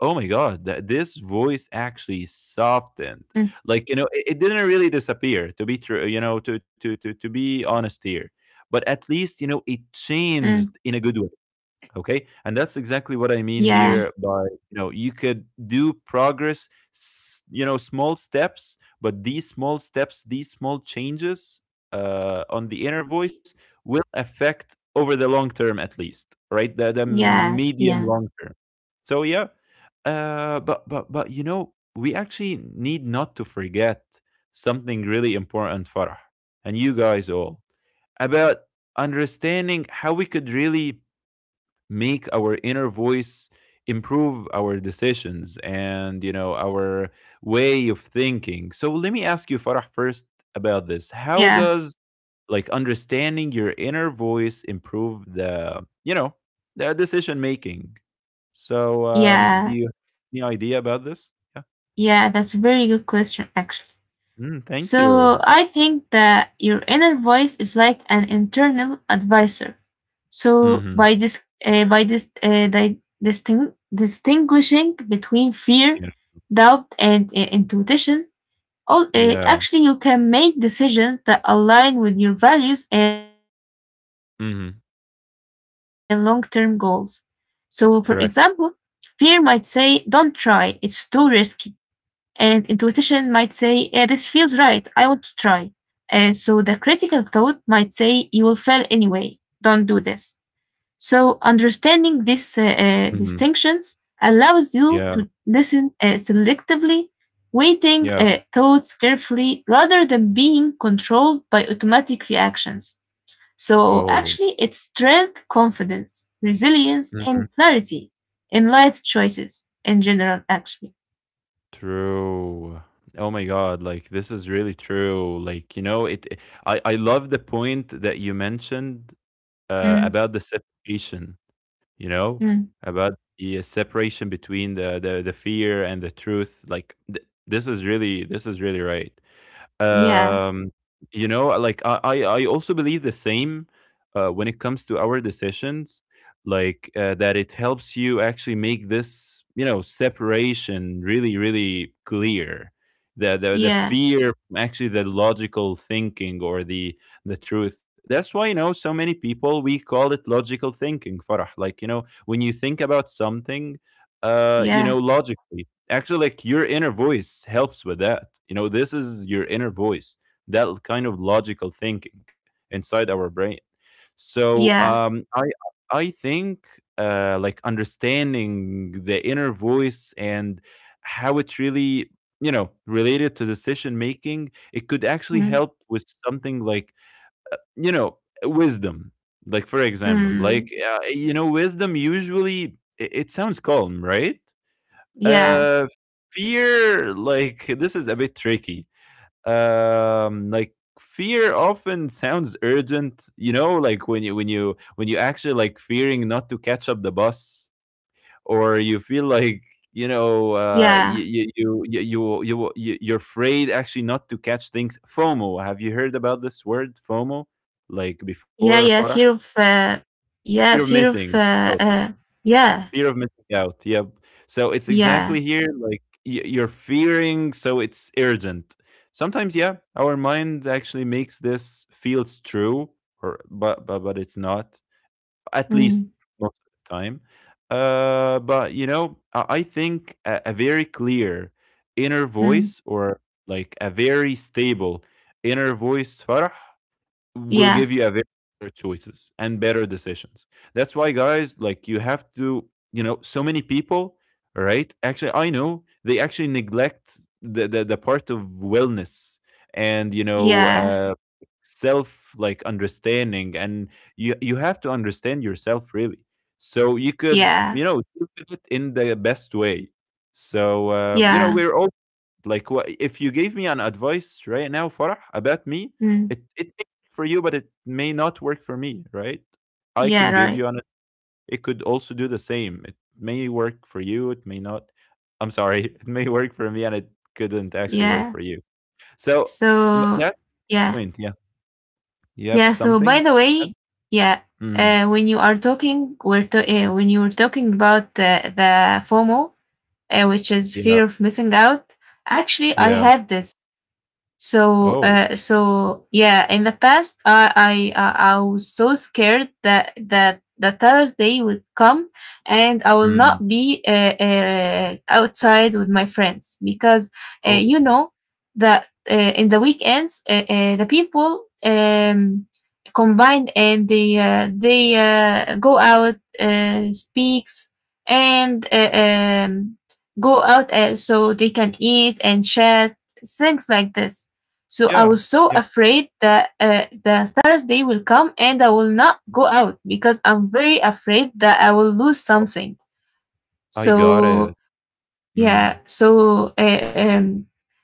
[SPEAKER 1] oh my God, this
[SPEAKER 2] mm,
[SPEAKER 1] voice actually softened. Like you know, it didn't really disappear. To be true, you know, to be honest here, but at least you know it
[SPEAKER 2] mm,
[SPEAKER 1] changed in a good way. Okay, and that's exactly what I
[SPEAKER 2] yeah,
[SPEAKER 1] mean here by, you know, you could do progress, you know, small steps, but these small steps, these small changes, on the inner voice will affect over the long term, at least, right? The
[SPEAKER 2] yeah,
[SPEAKER 1] medium
[SPEAKER 2] yeah,
[SPEAKER 1] long term. So yeah, but you know we actually need not to forget something really important, Farah, and you guys all, about understanding how we could really make our inner voice improve our decisions and you know our way of thinking. So let me ask you, Farah, first about this. How
[SPEAKER 2] yeah,
[SPEAKER 1] does, like, understanding your inner voice improve the, you know, the decision making? So do
[SPEAKER 2] yeah,
[SPEAKER 1] you have any idea about this? Yeah.
[SPEAKER 2] yeah. That's a very good question, actually.
[SPEAKER 1] Mm, thank
[SPEAKER 2] So
[SPEAKER 1] you.
[SPEAKER 2] I think that your inner voice is like an internal advisor. So
[SPEAKER 1] Mm-hmm.
[SPEAKER 2] by this, distinguishing between fear,
[SPEAKER 1] Yeah.
[SPEAKER 2] doubt, and intuition, all
[SPEAKER 1] Yeah.
[SPEAKER 2] actually you can make decisions that align with your values and long-term goals.
[SPEAKER 1] Mm-hmm.
[SPEAKER 2] So, for example, fear might say, "Don't
[SPEAKER 1] Correct.
[SPEAKER 2] try; it's too risky," and intuition might say, "This feels right. I want to try." So the critical thought might say, you will fail anyway. Don't do this. So understanding these
[SPEAKER 1] Mm-hmm.
[SPEAKER 2] distinctions allows you to
[SPEAKER 1] Yeah.
[SPEAKER 2] listen selectively, weighting
[SPEAKER 1] Yeah.
[SPEAKER 2] thoughts carefully rather than being controlled by automatic reactions. So
[SPEAKER 1] Oh.
[SPEAKER 2] actually, it's strength, confidence, resilience,
[SPEAKER 1] Mm-hmm.
[SPEAKER 2] and clarity in life choices in general, actually.
[SPEAKER 1] True. Oh my God, like this is really true. Like, you know, I love the point that you mentioned
[SPEAKER 2] Mm,
[SPEAKER 1] about the separation, you know,
[SPEAKER 2] mm,
[SPEAKER 1] about the separation between the fear and the truth. Like th this is really, this is really right.
[SPEAKER 2] yeah,
[SPEAKER 1] Um, you know, like I also believe the same when it comes to our decisions, like that it helps you actually make this, you know, separation really, really clear. The, the
[SPEAKER 2] yeah,
[SPEAKER 1] fear from actually the logical thinking or the truth. That's why you know so many people we call it logical thinking, Farah, like, you know, when you think about something you
[SPEAKER 2] yeah,
[SPEAKER 1] know logically, actually, like your inner voice helps with that. You know, this is your inner voice, that kind of logical thinking inside our brain. So
[SPEAKER 2] yeah.
[SPEAKER 1] I think uh, like understanding the inner voice and how it really, you know, related to decision making, it could actually
[SPEAKER 2] Mm.
[SPEAKER 1] help with something like, you know, wisdom. Like for example, like
[SPEAKER 2] Mm,
[SPEAKER 1] you know, wisdom usually, it sounds calm, right?
[SPEAKER 2] yeah,
[SPEAKER 1] Uh, fear, like this is a bit tricky. Like fear often sounds urgent. You know, like when you actually like fearing not to catch up the bus, or you feel like you know
[SPEAKER 2] yeah,
[SPEAKER 1] you, you're afraid actually not to catch things. FOMO, have you heard about this word, FOMO, like before,
[SPEAKER 2] yeah,
[SPEAKER 1] Farah?
[SPEAKER 2] yeah. Fear of,
[SPEAKER 1] Fear of
[SPEAKER 2] yeah, fear
[SPEAKER 1] missing.
[SPEAKER 2] of, yeah,
[SPEAKER 1] Fear of missing out. Yep. So it's exactly
[SPEAKER 2] yeah,
[SPEAKER 1] here, like you're fearing, so it's urgent. Sometimes, yeah, our mind actually makes this feels true, or but it's not. At least
[SPEAKER 2] mm,
[SPEAKER 1] most of the time. But you know, I think a very clear inner
[SPEAKER 2] mm,
[SPEAKER 1] voice, or like a very stable inner voice, Farah, will
[SPEAKER 2] yeah,
[SPEAKER 1] give you a very better choices and better decisions. That's why, guys, like you have to, you know, so many people, right? Actually, I know they actually neglect the part of wellness and you know
[SPEAKER 2] yeah,
[SPEAKER 1] self like understanding, and you have to understand yourself really. So you could,
[SPEAKER 2] yeah,
[SPEAKER 1] you know, do it in the best way. So you know,
[SPEAKER 2] yeah,
[SPEAKER 1] we're all like, what if you gave me an advice right now, Farah, about me,
[SPEAKER 2] mm,
[SPEAKER 1] it may work for you, but it may not work for me, right? I
[SPEAKER 2] yeah,
[SPEAKER 1] can give
[SPEAKER 2] right,
[SPEAKER 1] you an, it could also do the same. It may work for you, it may not. I'm sorry, it may work for me and it couldn't actually work
[SPEAKER 2] yeah.
[SPEAKER 1] for you. So
[SPEAKER 2] So,
[SPEAKER 1] that's the
[SPEAKER 2] yeah,
[SPEAKER 1] point, yeah. You have
[SPEAKER 2] yeah. So, by
[SPEAKER 1] something?
[SPEAKER 2] the
[SPEAKER 1] Yeah.
[SPEAKER 2] way, yeah,
[SPEAKER 1] Mm,
[SPEAKER 2] when you were talking about the FOMO, which is
[SPEAKER 1] yeah,
[SPEAKER 2] fear of missing out. Actually, I
[SPEAKER 1] yeah.
[SPEAKER 2] had this. So,
[SPEAKER 1] Oh.
[SPEAKER 2] so yeah, in the past, I was so scared that the Thursday would come and I will
[SPEAKER 1] Mm,
[SPEAKER 2] not be outside with my friends because
[SPEAKER 1] oh.
[SPEAKER 2] you know that in the weekends the people combine and they go out, speaks and go out so they can eat and chat things like this. So I
[SPEAKER 1] Yeah.
[SPEAKER 2] was so
[SPEAKER 1] Yeah.
[SPEAKER 2] afraid that the Thursday will come and I will not go out because I'm very afraid that I will lose
[SPEAKER 1] Oh,
[SPEAKER 2] something.
[SPEAKER 1] I got it.
[SPEAKER 2] So yeah,
[SPEAKER 1] Mm,
[SPEAKER 2] so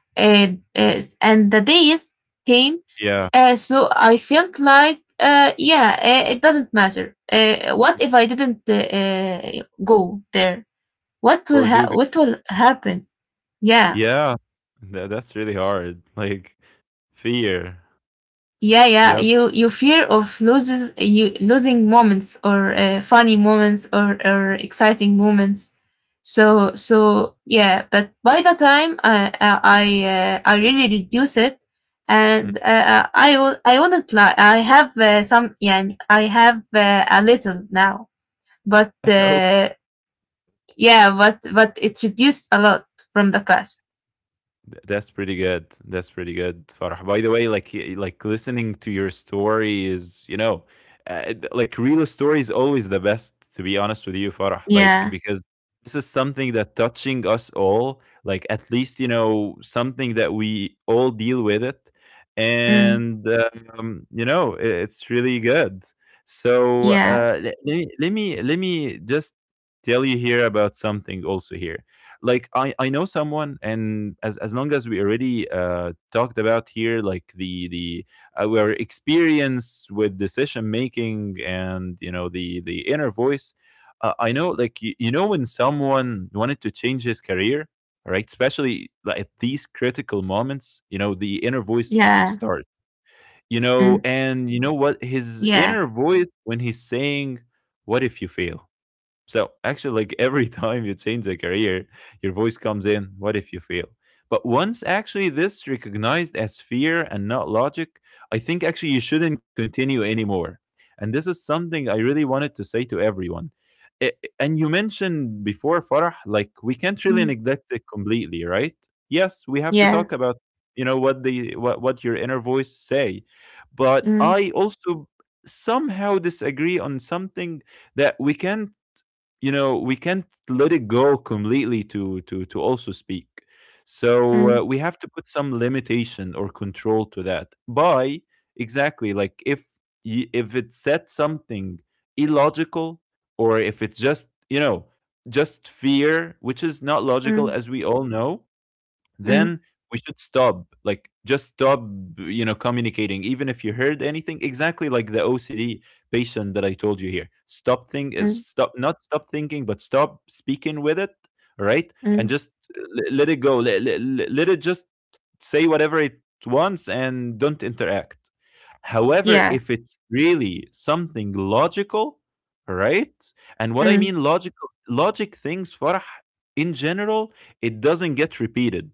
[SPEAKER 2] uh, and the days came.
[SPEAKER 1] yeah.
[SPEAKER 2] So I felt like yeah, it doesn't matter. What if I didn't go there?
[SPEAKER 1] Or do,
[SPEAKER 2] What will happen? Yeah.
[SPEAKER 1] yeah, that's really hard, like, fear.
[SPEAKER 2] Yeah, yeah.
[SPEAKER 1] Yep.
[SPEAKER 2] You fear of loses you losing moments or funny moments or exciting moments. So so yeah. But by the time I really reduce it, and I will I wouldn't lie. I have some. Yeah. I have a little now, but
[SPEAKER 1] Okay.
[SPEAKER 2] yeah. But it reduced a lot from the past.
[SPEAKER 1] That's pretty good. That's pretty good, Farah. By the way, like like listening to your story is, you know, like real story is always the best. To be honest with you, Farah, like
[SPEAKER 2] Yeah.
[SPEAKER 1] because this is something that touching us all. Like at least you know something that we all deal with it,
[SPEAKER 2] Mm,
[SPEAKER 1] and you know it's really good. So
[SPEAKER 2] yeah.
[SPEAKER 1] let me just tell you here about something also here, like I know someone, and as long as we already talked about here, like the our experience with decision making and you know the inner voice. Uh, I know like you know, when someone wanted to change his career, right, especially like, at these critical moments,
[SPEAKER 2] Yeah.
[SPEAKER 1] you know the inner voice starts,
[SPEAKER 2] Mm,
[SPEAKER 1] you know, and you know
[SPEAKER 2] yeah.
[SPEAKER 1] what his inner voice when he's saying, what if you fail? So actually, like every time you change a career, your voice comes in. What if you fail? But once actually this recognized as fear and not logic, I think actually you shouldn't continue anymore. And this is something I really wanted to say to everyone. And you mentioned before, Farah, like we can't really
[SPEAKER 2] Mm,
[SPEAKER 1] neglect it completely, right? Yes, we have to
[SPEAKER 2] yeah.
[SPEAKER 1] talk about, you know, what the what your inner voice say, but
[SPEAKER 2] Mm,
[SPEAKER 1] I also somehow disagree on something, that we can, you know, we can't let it go completely to also speak.
[SPEAKER 2] mm,
[SPEAKER 1] So we have to put some limitation or control to that by, exactly, like if if it said something illogical, or if it's just you know just fear, which is not
[SPEAKER 2] mm,
[SPEAKER 1] logical as we all know,
[SPEAKER 2] mm,
[SPEAKER 1] then we should stop, like just stop, you know, communicating, even if you heard anything, exactly like the OCD patient that I told you here. Stop think
[SPEAKER 2] mm,
[SPEAKER 1] stop not stop thinking but stop speaking with it. All right? And
[SPEAKER 2] mm.
[SPEAKER 1] just let it go, let it just say whatever it wants, and don't interact. However,
[SPEAKER 2] Yeah.
[SPEAKER 1] if it's really something logical, all right, and what I
[SPEAKER 2] Mm.
[SPEAKER 1] mean logical, logic things, Farah, in general, it doesn't get repeated,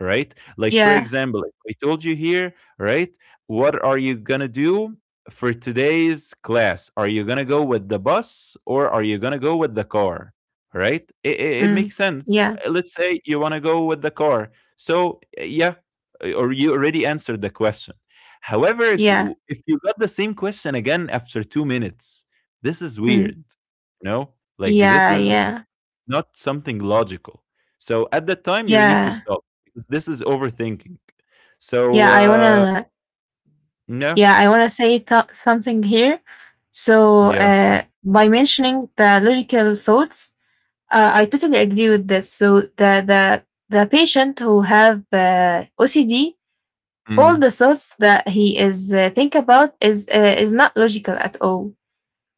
[SPEAKER 1] right? Like, for
[SPEAKER 2] Yeah.
[SPEAKER 1] example, if I told you here, right, what are you going to do for today's class? Are you going to go with the bus or are you going to go with the car, right? It, it makes
[SPEAKER 2] Mm.
[SPEAKER 1] sense.
[SPEAKER 2] Yeah.
[SPEAKER 1] Let's say you want to go with the car. So, yeah, or you already answered the question. However, if
[SPEAKER 2] Yeah.
[SPEAKER 1] if you got the same question again after 2 minutes, this is
[SPEAKER 2] Mm.
[SPEAKER 1] weird. You know, like this
[SPEAKER 2] Yeah.
[SPEAKER 1] is
[SPEAKER 2] Yeah.
[SPEAKER 1] not something logical. So at that time, you need to
[SPEAKER 2] Yeah.
[SPEAKER 1] stop because this is overthinking. So
[SPEAKER 2] Yeah. I wanna.
[SPEAKER 1] no,
[SPEAKER 2] Yeah. I wanna say something here. So,
[SPEAKER 1] yeah,
[SPEAKER 2] by mentioning the logical thoughts, I totally agree with this. So, the the patient who have OCD, all
[SPEAKER 1] Mhm.
[SPEAKER 2] the thoughts that he is think about is not logical at all.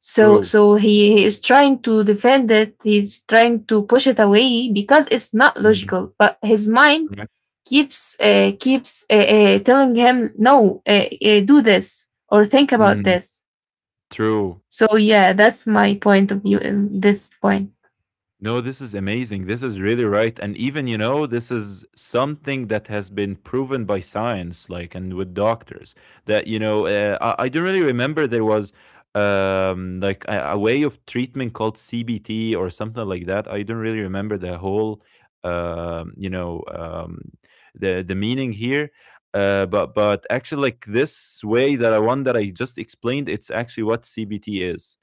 [SPEAKER 2] So
[SPEAKER 1] True,
[SPEAKER 2] so he is trying to defend it, he's trying to push it away because it's not
[SPEAKER 1] Mhm.
[SPEAKER 2] logical, but his mind
[SPEAKER 1] Right.
[SPEAKER 2] keeps telling him no, do this or think about
[SPEAKER 1] Mhm.
[SPEAKER 2] this.
[SPEAKER 1] True.
[SPEAKER 2] So yeah, that's my point of view in this point.
[SPEAKER 1] No, this is amazing. This is really right. And even, you know, this is something that has been proven by science, like, and with doctors, that, you know, I don't really remember there was like a way of treatment called CBT or something like that. I don't really remember the whole, you know, the meaning here. But actually like this way that I one that I just explained, it's actually what CBT is.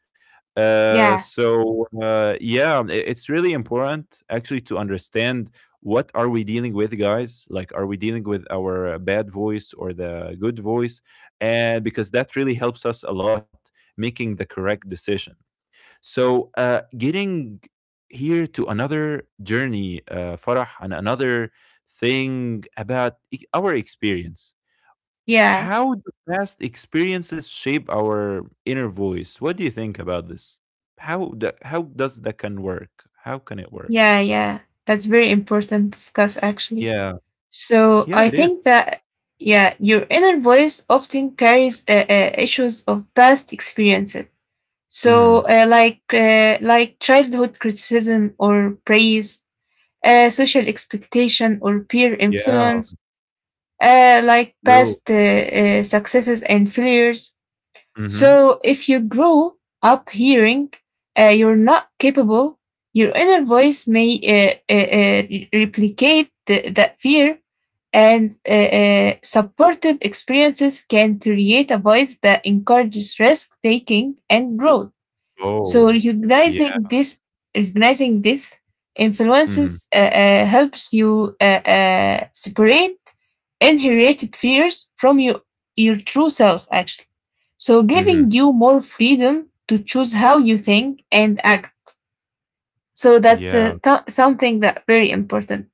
[SPEAKER 2] Yeah,
[SPEAKER 1] So yeah, it's really important actually to understand what are we dealing with, guys. Like, are we dealing with our bad voice or the good voice? And because that really helps us a lot making the correct decision. So getting here to another journey, Farah, and another thing about our experience.
[SPEAKER 2] yeah,
[SPEAKER 1] How do past experiences shape our inner voice? What do you think about this? How that how does that can work? How can it work?
[SPEAKER 2] yeah, yeah. That's very important to discuss actually.
[SPEAKER 1] Yeah,
[SPEAKER 2] So
[SPEAKER 1] yeah,
[SPEAKER 2] I
[SPEAKER 1] it is.
[SPEAKER 2] think that, yeah, your inner voice often carries issues of past experiences. So,
[SPEAKER 1] Mhm.
[SPEAKER 2] like childhood criticism or praise, social expectation or peer
[SPEAKER 1] Yeah,
[SPEAKER 2] influence, uh, like
[SPEAKER 1] true.
[SPEAKER 2] past uh, uh, successes and failures.
[SPEAKER 1] Mhm.
[SPEAKER 2] So, if you grow up hearing you're not capable, your inner voice may replicate that fear, and supportive experiences can create a voice that encourages risk taking and growth. So
[SPEAKER 1] Oh, yeah.
[SPEAKER 2] recognizing this
[SPEAKER 1] Mhm.
[SPEAKER 2] influences helps you separate inherited fears from your true self, actually. So
[SPEAKER 1] Mhm.
[SPEAKER 2] giving you more freedom to choose how you think and act. So that's
[SPEAKER 1] Yeah.
[SPEAKER 2] something that very important.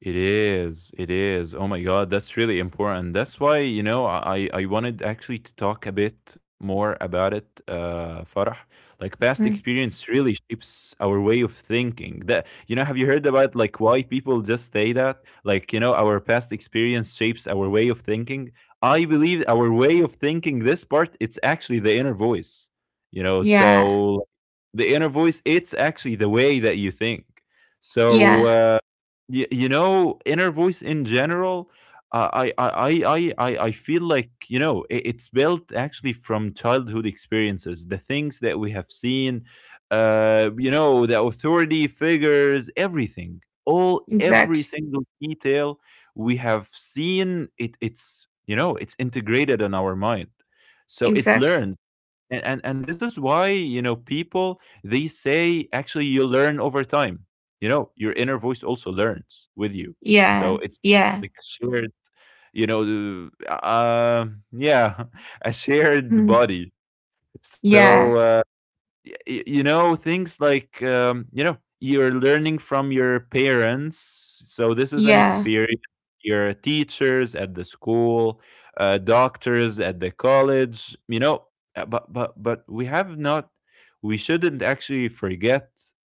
[SPEAKER 1] It is. It is. Oh my God, that's really important. That's why, you know, I wanted actually to talk a bit more about it, Farah. Like past
[SPEAKER 2] Mm.
[SPEAKER 1] experience really shapes our way of thinking. That you know, have you heard about like why people just say that? Like, you know, our past experience shapes our way of thinking. I believe our way of thinking, this part, it's actually the inner voice. You know,
[SPEAKER 2] Yeah,
[SPEAKER 1] so the inner voice, it's actually the way that you think. So
[SPEAKER 2] yeah,
[SPEAKER 1] uh you know, inner voice in general, I feel like, you know, it's built actually from childhood experiences, the things that we have seen, you know, the authority figures, everything, all, every
[SPEAKER 2] exactly,
[SPEAKER 1] single detail we have seen, it's, you know, it's integrated in our mind. So it
[SPEAKER 2] exactly.
[SPEAKER 1] learns. And this is why, you know, people, they say actually you learn over time, you know, your inner voice also learns with you.
[SPEAKER 2] Yeah,
[SPEAKER 1] So it's
[SPEAKER 2] yeah,
[SPEAKER 1] like a shared, you know, yeah, a shared
[SPEAKER 2] mm,
[SPEAKER 1] body. So,
[SPEAKER 2] yeah,
[SPEAKER 1] uh, y- you know, things like you know, you're learning from your parents, so this is an
[SPEAKER 2] yeah,
[SPEAKER 1] experience. Your teachers at the school, doctors at the college, you know. But we have not, we shouldn't actually forget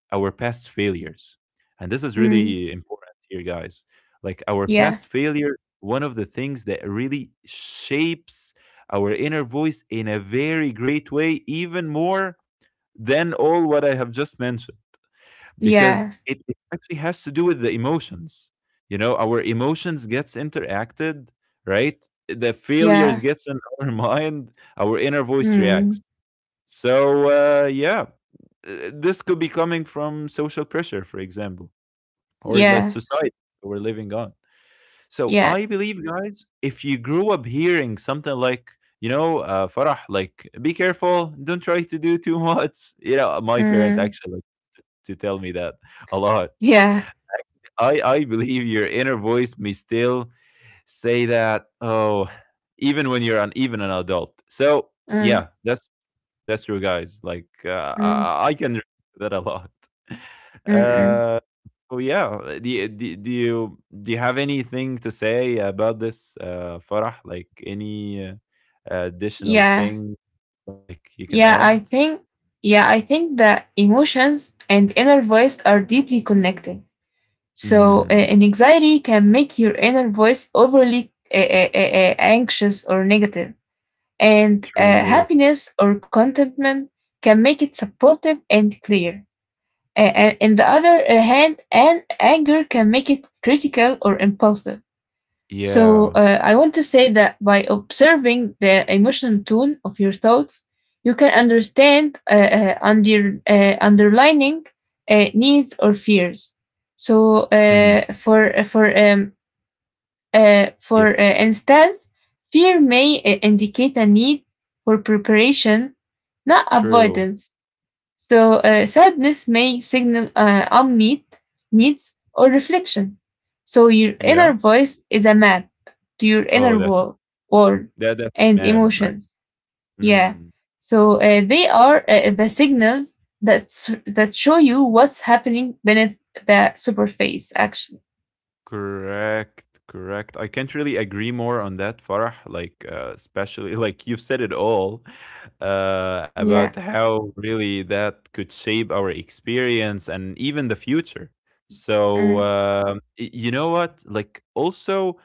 [SPEAKER 1] our past failures. And this is
[SPEAKER 2] mm,
[SPEAKER 1] really important here, guys. Like our
[SPEAKER 2] yeah,
[SPEAKER 1] past failure, one of the things that really shapes our inner voice in a very great way, even more than all what I have just mentioned, because
[SPEAKER 2] yeah,
[SPEAKER 1] it actually has to do with the emotions. You know, our emotions gets interacted, right? The failures
[SPEAKER 2] yeah,
[SPEAKER 1] gets in our mind, our inner voice reacts.
[SPEAKER 2] mm,
[SPEAKER 1] Yeah, this could be coming from social pressure, for example, or less
[SPEAKER 2] yeah,
[SPEAKER 1] society we're living on. So
[SPEAKER 2] yeah,
[SPEAKER 1] I believe, guys, if you grew up hearing something like, you know, Farah, like, be careful, don't try to do too much. You know, my parent
[SPEAKER 2] mm,
[SPEAKER 1] actually to tell me that a lot.
[SPEAKER 2] yeah,
[SPEAKER 1] I believe your inner voice may still say that, oh, even when you're an even an adult. So
[SPEAKER 2] mm,
[SPEAKER 1] yeah, that's true, guys. Like uh,
[SPEAKER 2] mm,
[SPEAKER 1] I, I can relate to that a lot.
[SPEAKER 2] mm, mm.
[SPEAKER 1] Uh, so yeah, do you have anything to say about this, Farah? Like any additional
[SPEAKER 2] Yeah,
[SPEAKER 1] thing, like you can
[SPEAKER 2] yeah.
[SPEAKER 1] add?
[SPEAKER 2] I think, yeah, I think that emotions and inner voice are deeply connected. So,
[SPEAKER 1] Mm,
[SPEAKER 2] an anxiety can make your inner voice overly anxious or negative, and
[SPEAKER 1] true.
[SPEAKER 2] happiness or contentment can make it supportive and clear. And on the other hand, and anger can make it critical or impulsive. So
[SPEAKER 1] Yeah.
[SPEAKER 2] I want to say that by observing the emotional tone of your thoughts, you can understand underlining needs or fears. So
[SPEAKER 1] Mm,
[SPEAKER 2] uh, for for um, uh,
[SPEAKER 1] yeah.
[SPEAKER 2] for uh, instance, fear may indicate a need for preparation, not
[SPEAKER 1] True.
[SPEAKER 2] avoidance. So sadness may signal unmet needs or reflection. So your
[SPEAKER 1] Yeah.
[SPEAKER 2] inner voice is a map to your
[SPEAKER 1] Oh,
[SPEAKER 2] inner
[SPEAKER 1] that's
[SPEAKER 2] world
[SPEAKER 1] that's
[SPEAKER 2] and
[SPEAKER 1] mad, right?
[SPEAKER 2] emotions. Yeah.
[SPEAKER 1] Mm.
[SPEAKER 2] So they are the signals that show you what's happening beneath the superface. Actually.
[SPEAKER 1] Correct, correct. I can't really agree more on that, Farah. Like, especially, like, you've said it all
[SPEAKER 2] Yeah.
[SPEAKER 1] about how really that could shape our experience and even the future. So,
[SPEAKER 2] Mm,
[SPEAKER 1] you know what? Like, also,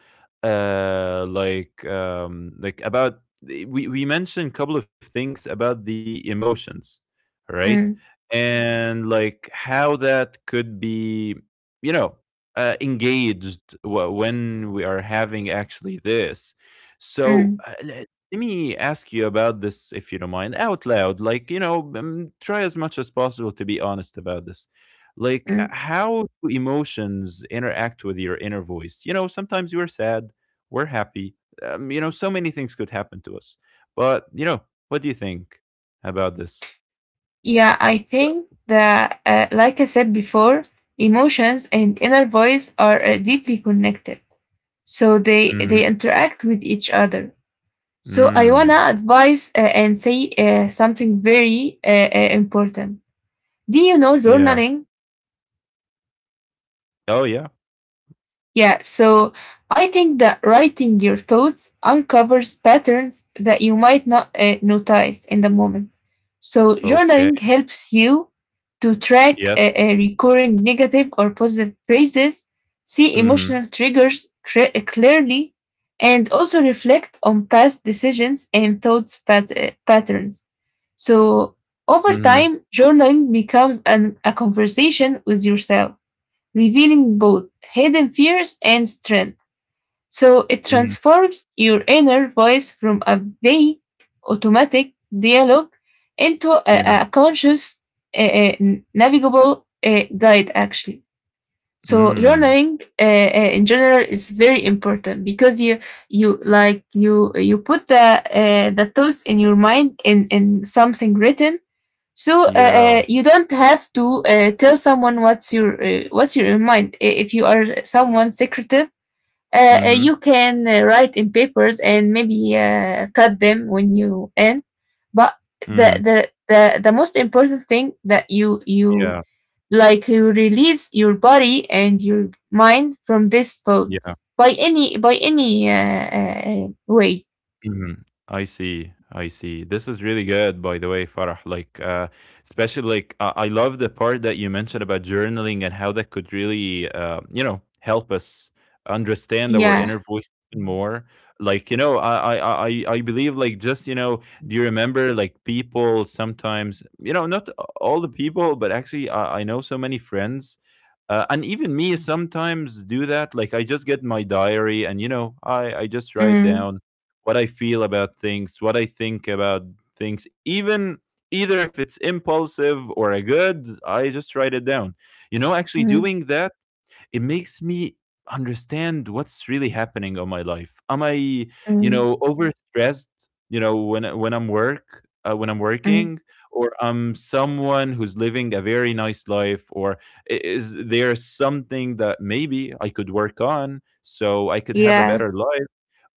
[SPEAKER 1] like about we mentioned a couple of things about the emotions, right?
[SPEAKER 2] mm,
[SPEAKER 1] And like how that could be, you know, engaged when we are having actually this. So
[SPEAKER 2] mm,
[SPEAKER 1] uh, le- Let me ask you about this, if you don't mind, out loud. Like, you know, try as much as possible to be honest about this. Like,
[SPEAKER 2] mm.
[SPEAKER 1] how do emotions interact with your inner voice? You know, sometimes you are sad, we're happy. You know, so many things could happen to us. But, you know, what do you think about this?
[SPEAKER 2] Yeah, I
[SPEAKER 1] So,
[SPEAKER 2] think that, like I said before, emotions and inner voice are deeply connected. So
[SPEAKER 1] mhm.
[SPEAKER 2] they interact with each other. So I wanna
[SPEAKER 1] Mm,
[SPEAKER 2] advise and say something very important. Do you know
[SPEAKER 1] yeah.
[SPEAKER 2] journaling?
[SPEAKER 1] Oh, yeah.
[SPEAKER 2] Yeah, so I think that writing your thoughts uncovers patterns that you might not notice in the moment. So,
[SPEAKER 1] Okay.
[SPEAKER 2] journaling helps you to track
[SPEAKER 1] Yep.
[SPEAKER 2] recurring negative or positive phrases, see
[SPEAKER 1] Mm-hmm.
[SPEAKER 2] emotional triggers clearly, and also reflect on past decisions and thoughts patterns. So, over
[SPEAKER 1] Mm-hmm.
[SPEAKER 2] time, journaling becomes a conversation with yourself revealing both hidden fears and strength. So it
[SPEAKER 1] Mm,
[SPEAKER 2] transforms your inner voice from a vague automatic dialogue into
[SPEAKER 1] yeah.
[SPEAKER 2] a conscious, uh, uh, navigable guide, actually. So
[SPEAKER 1] Mm,
[SPEAKER 2] journaling in general is very important because you like you put the thoughts in your mind in something written, so
[SPEAKER 1] yeah.
[SPEAKER 2] you don't have to tell someone what's your mind. I- If you are someone secretive,
[SPEAKER 1] Mhm,
[SPEAKER 2] you can write in papers and maybe cut them when you end. But
[SPEAKER 1] mhm.
[SPEAKER 2] the the most important thing that you
[SPEAKER 1] Yeah,
[SPEAKER 2] you like you release your body and your mind from these
[SPEAKER 1] yeah.
[SPEAKER 2] thoughts by any way.
[SPEAKER 1] Mhm. I see. I see. This is really good, by the way, Farah. Like, especially like I love the part that you mentioned about journaling and how that could really, you know, help us understand our
[SPEAKER 2] Yeah.
[SPEAKER 1] inner voice even more. Like, you know, I believe like just you know, do you remember like people sometimes, you know, not all the people, but actually I know so many friends, and even me sometimes do that. Like I just get my diary and you know I just write
[SPEAKER 2] Mm,
[SPEAKER 1] down what I feel about things, what I think about things, even either if it's impulsive or a good, I just write it down. You know, actually
[SPEAKER 2] mm,
[SPEAKER 1] doing that, it makes me understand what's really happening on my life. Am I, you
[SPEAKER 2] mm,
[SPEAKER 1] know, overstressed, you know, when I'm work, when I'm
[SPEAKER 2] mm.
[SPEAKER 1] working, or I'm someone who's living a very nice life, or is there something that maybe I could work on so I could have a
[SPEAKER 2] Yeah.
[SPEAKER 1] better life?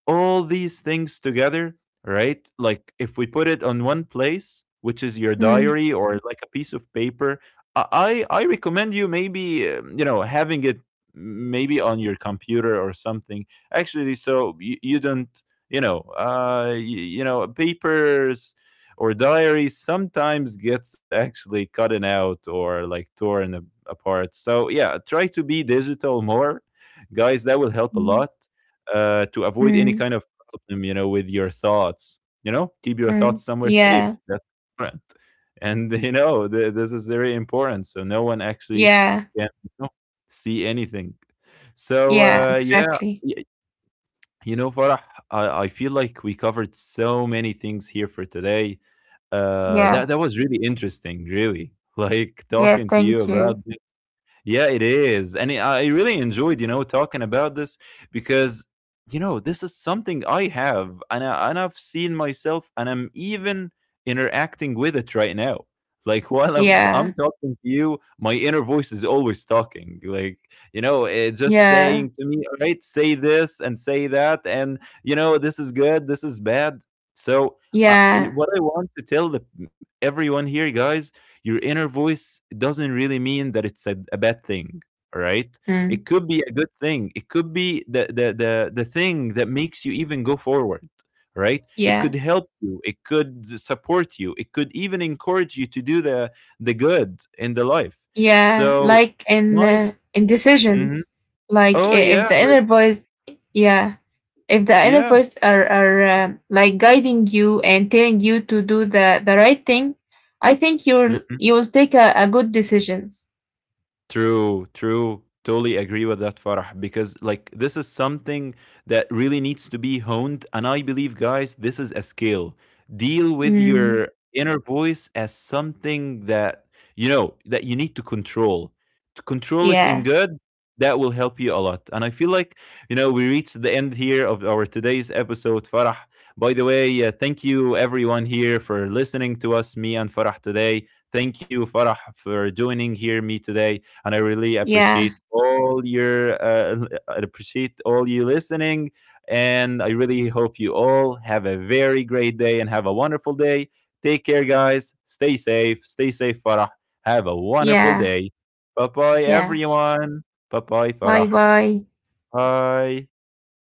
[SPEAKER 1] All these things together, right? Like if we put it on one place, which is your
[SPEAKER 2] Mm.
[SPEAKER 1] diary or like a piece of paper, I recommend you maybe you know, having it maybe on your computer or something. Actually, so you don't you know you know, papers or diaries sometimes gets actually cutting out or like torn apart. So yeah, try to be digital more, guys. That will help a lot to avoid any
[SPEAKER 2] Mm,
[SPEAKER 1] kind of problem, you know, with your thoughts. You know, keep your
[SPEAKER 2] mm.
[SPEAKER 1] thoughts somewhere
[SPEAKER 2] Yeah,
[SPEAKER 1] safe. That's important. And you know, this is very important. So no one actually
[SPEAKER 2] yeah,
[SPEAKER 1] can, you know, see anything.
[SPEAKER 2] yeah,
[SPEAKER 1] Yeah,
[SPEAKER 2] exactly.
[SPEAKER 1] y- you know, Farah, I feel like we covered so many things here for today.
[SPEAKER 2] Yeah,
[SPEAKER 1] That was really interesting. Really, like
[SPEAKER 2] yeah,
[SPEAKER 1] talking to you
[SPEAKER 2] thank
[SPEAKER 1] about,
[SPEAKER 2] you.
[SPEAKER 1] yeah, it is. And I really enjoyed, you know, talking about this because, you know, this is something I have and, and I've seen myself and I'm even interacting with it right now. Like while I'm
[SPEAKER 2] Yeah,
[SPEAKER 1] talking to you, my inner voice is always talking. Like, you know, it just
[SPEAKER 2] yeah,
[SPEAKER 1] saying to me, all right, say this and say that. And, you know, this is good, this is bad. So,
[SPEAKER 2] yeah,
[SPEAKER 1] what I want to tell the, everyone here, guys, your inner voice doesn't really mean that it's a bad thing, right? It
[SPEAKER 2] mm,
[SPEAKER 1] could be a good thing. It could be the thing that makes you even go forward, right? It
[SPEAKER 2] yeah,
[SPEAKER 1] could help you, it could support you, it could even encourage you to do the good in the life.
[SPEAKER 2] yeah.
[SPEAKER 1] So
[SPEAKER 2] Like
[SPEAKER 1] my
[SPEAKER 2] in
[SPEAKER 1] mhm.
[SPEAKER 2] decisions, like
[SPEAKER 1] Oh
[SPEAKER 2] I-
[SPEAKER 1] yeah,
[SPEAKER 2] if the
[SPEAKER 1] like
[SPEAKER 2] inner voice, yeah, if the inner
[SPEAKER 1] yeah,
[SPEAKER 2] voice are like guiding you and telling you to do the right thing, I think
[SPEAKER 1] mm-hmm.
[SPEAKER 2] you'll take a good decisions.
[SPEAKER 1] True, true. Totally agree with that, Farah, because like this is something that really needs to be honed. And I believe, guys, this is a skill. Deal with
[SPEAKER 2] Mm,
[SPEAKER 1] your inner voice as something that, you know, that you need to control. To control it in
[SPEAKER 2] yeah,
[SPEAKER 1] good, that will help you a lot. And I feel like, you know, we reached the end here of our today's episode, Farah. By the way, thank you everyone here for listening to us, me and Farah today. Thank you, Farah, for joining here me today, and I really
[SPEAKER 2] yeah,
[SPEAKER 1] appreciate all your I appreciate all you listening. And I really hope you all have a very great day and have a wonderful day. Take care, guys. Stay safe. Stay safe, Farah. Have a wonderful
[SPEAKER 2] yeah,
[SPEAKER 1] day. Bye bye,
[SPEAKER 2] yeah.
[SPEAKER 1] everyone. Bye bye, Farah.
[SPEAKER 2] Bye bye.
[SPEAKER 1] Bye.
[SPEAKER 2] Bye.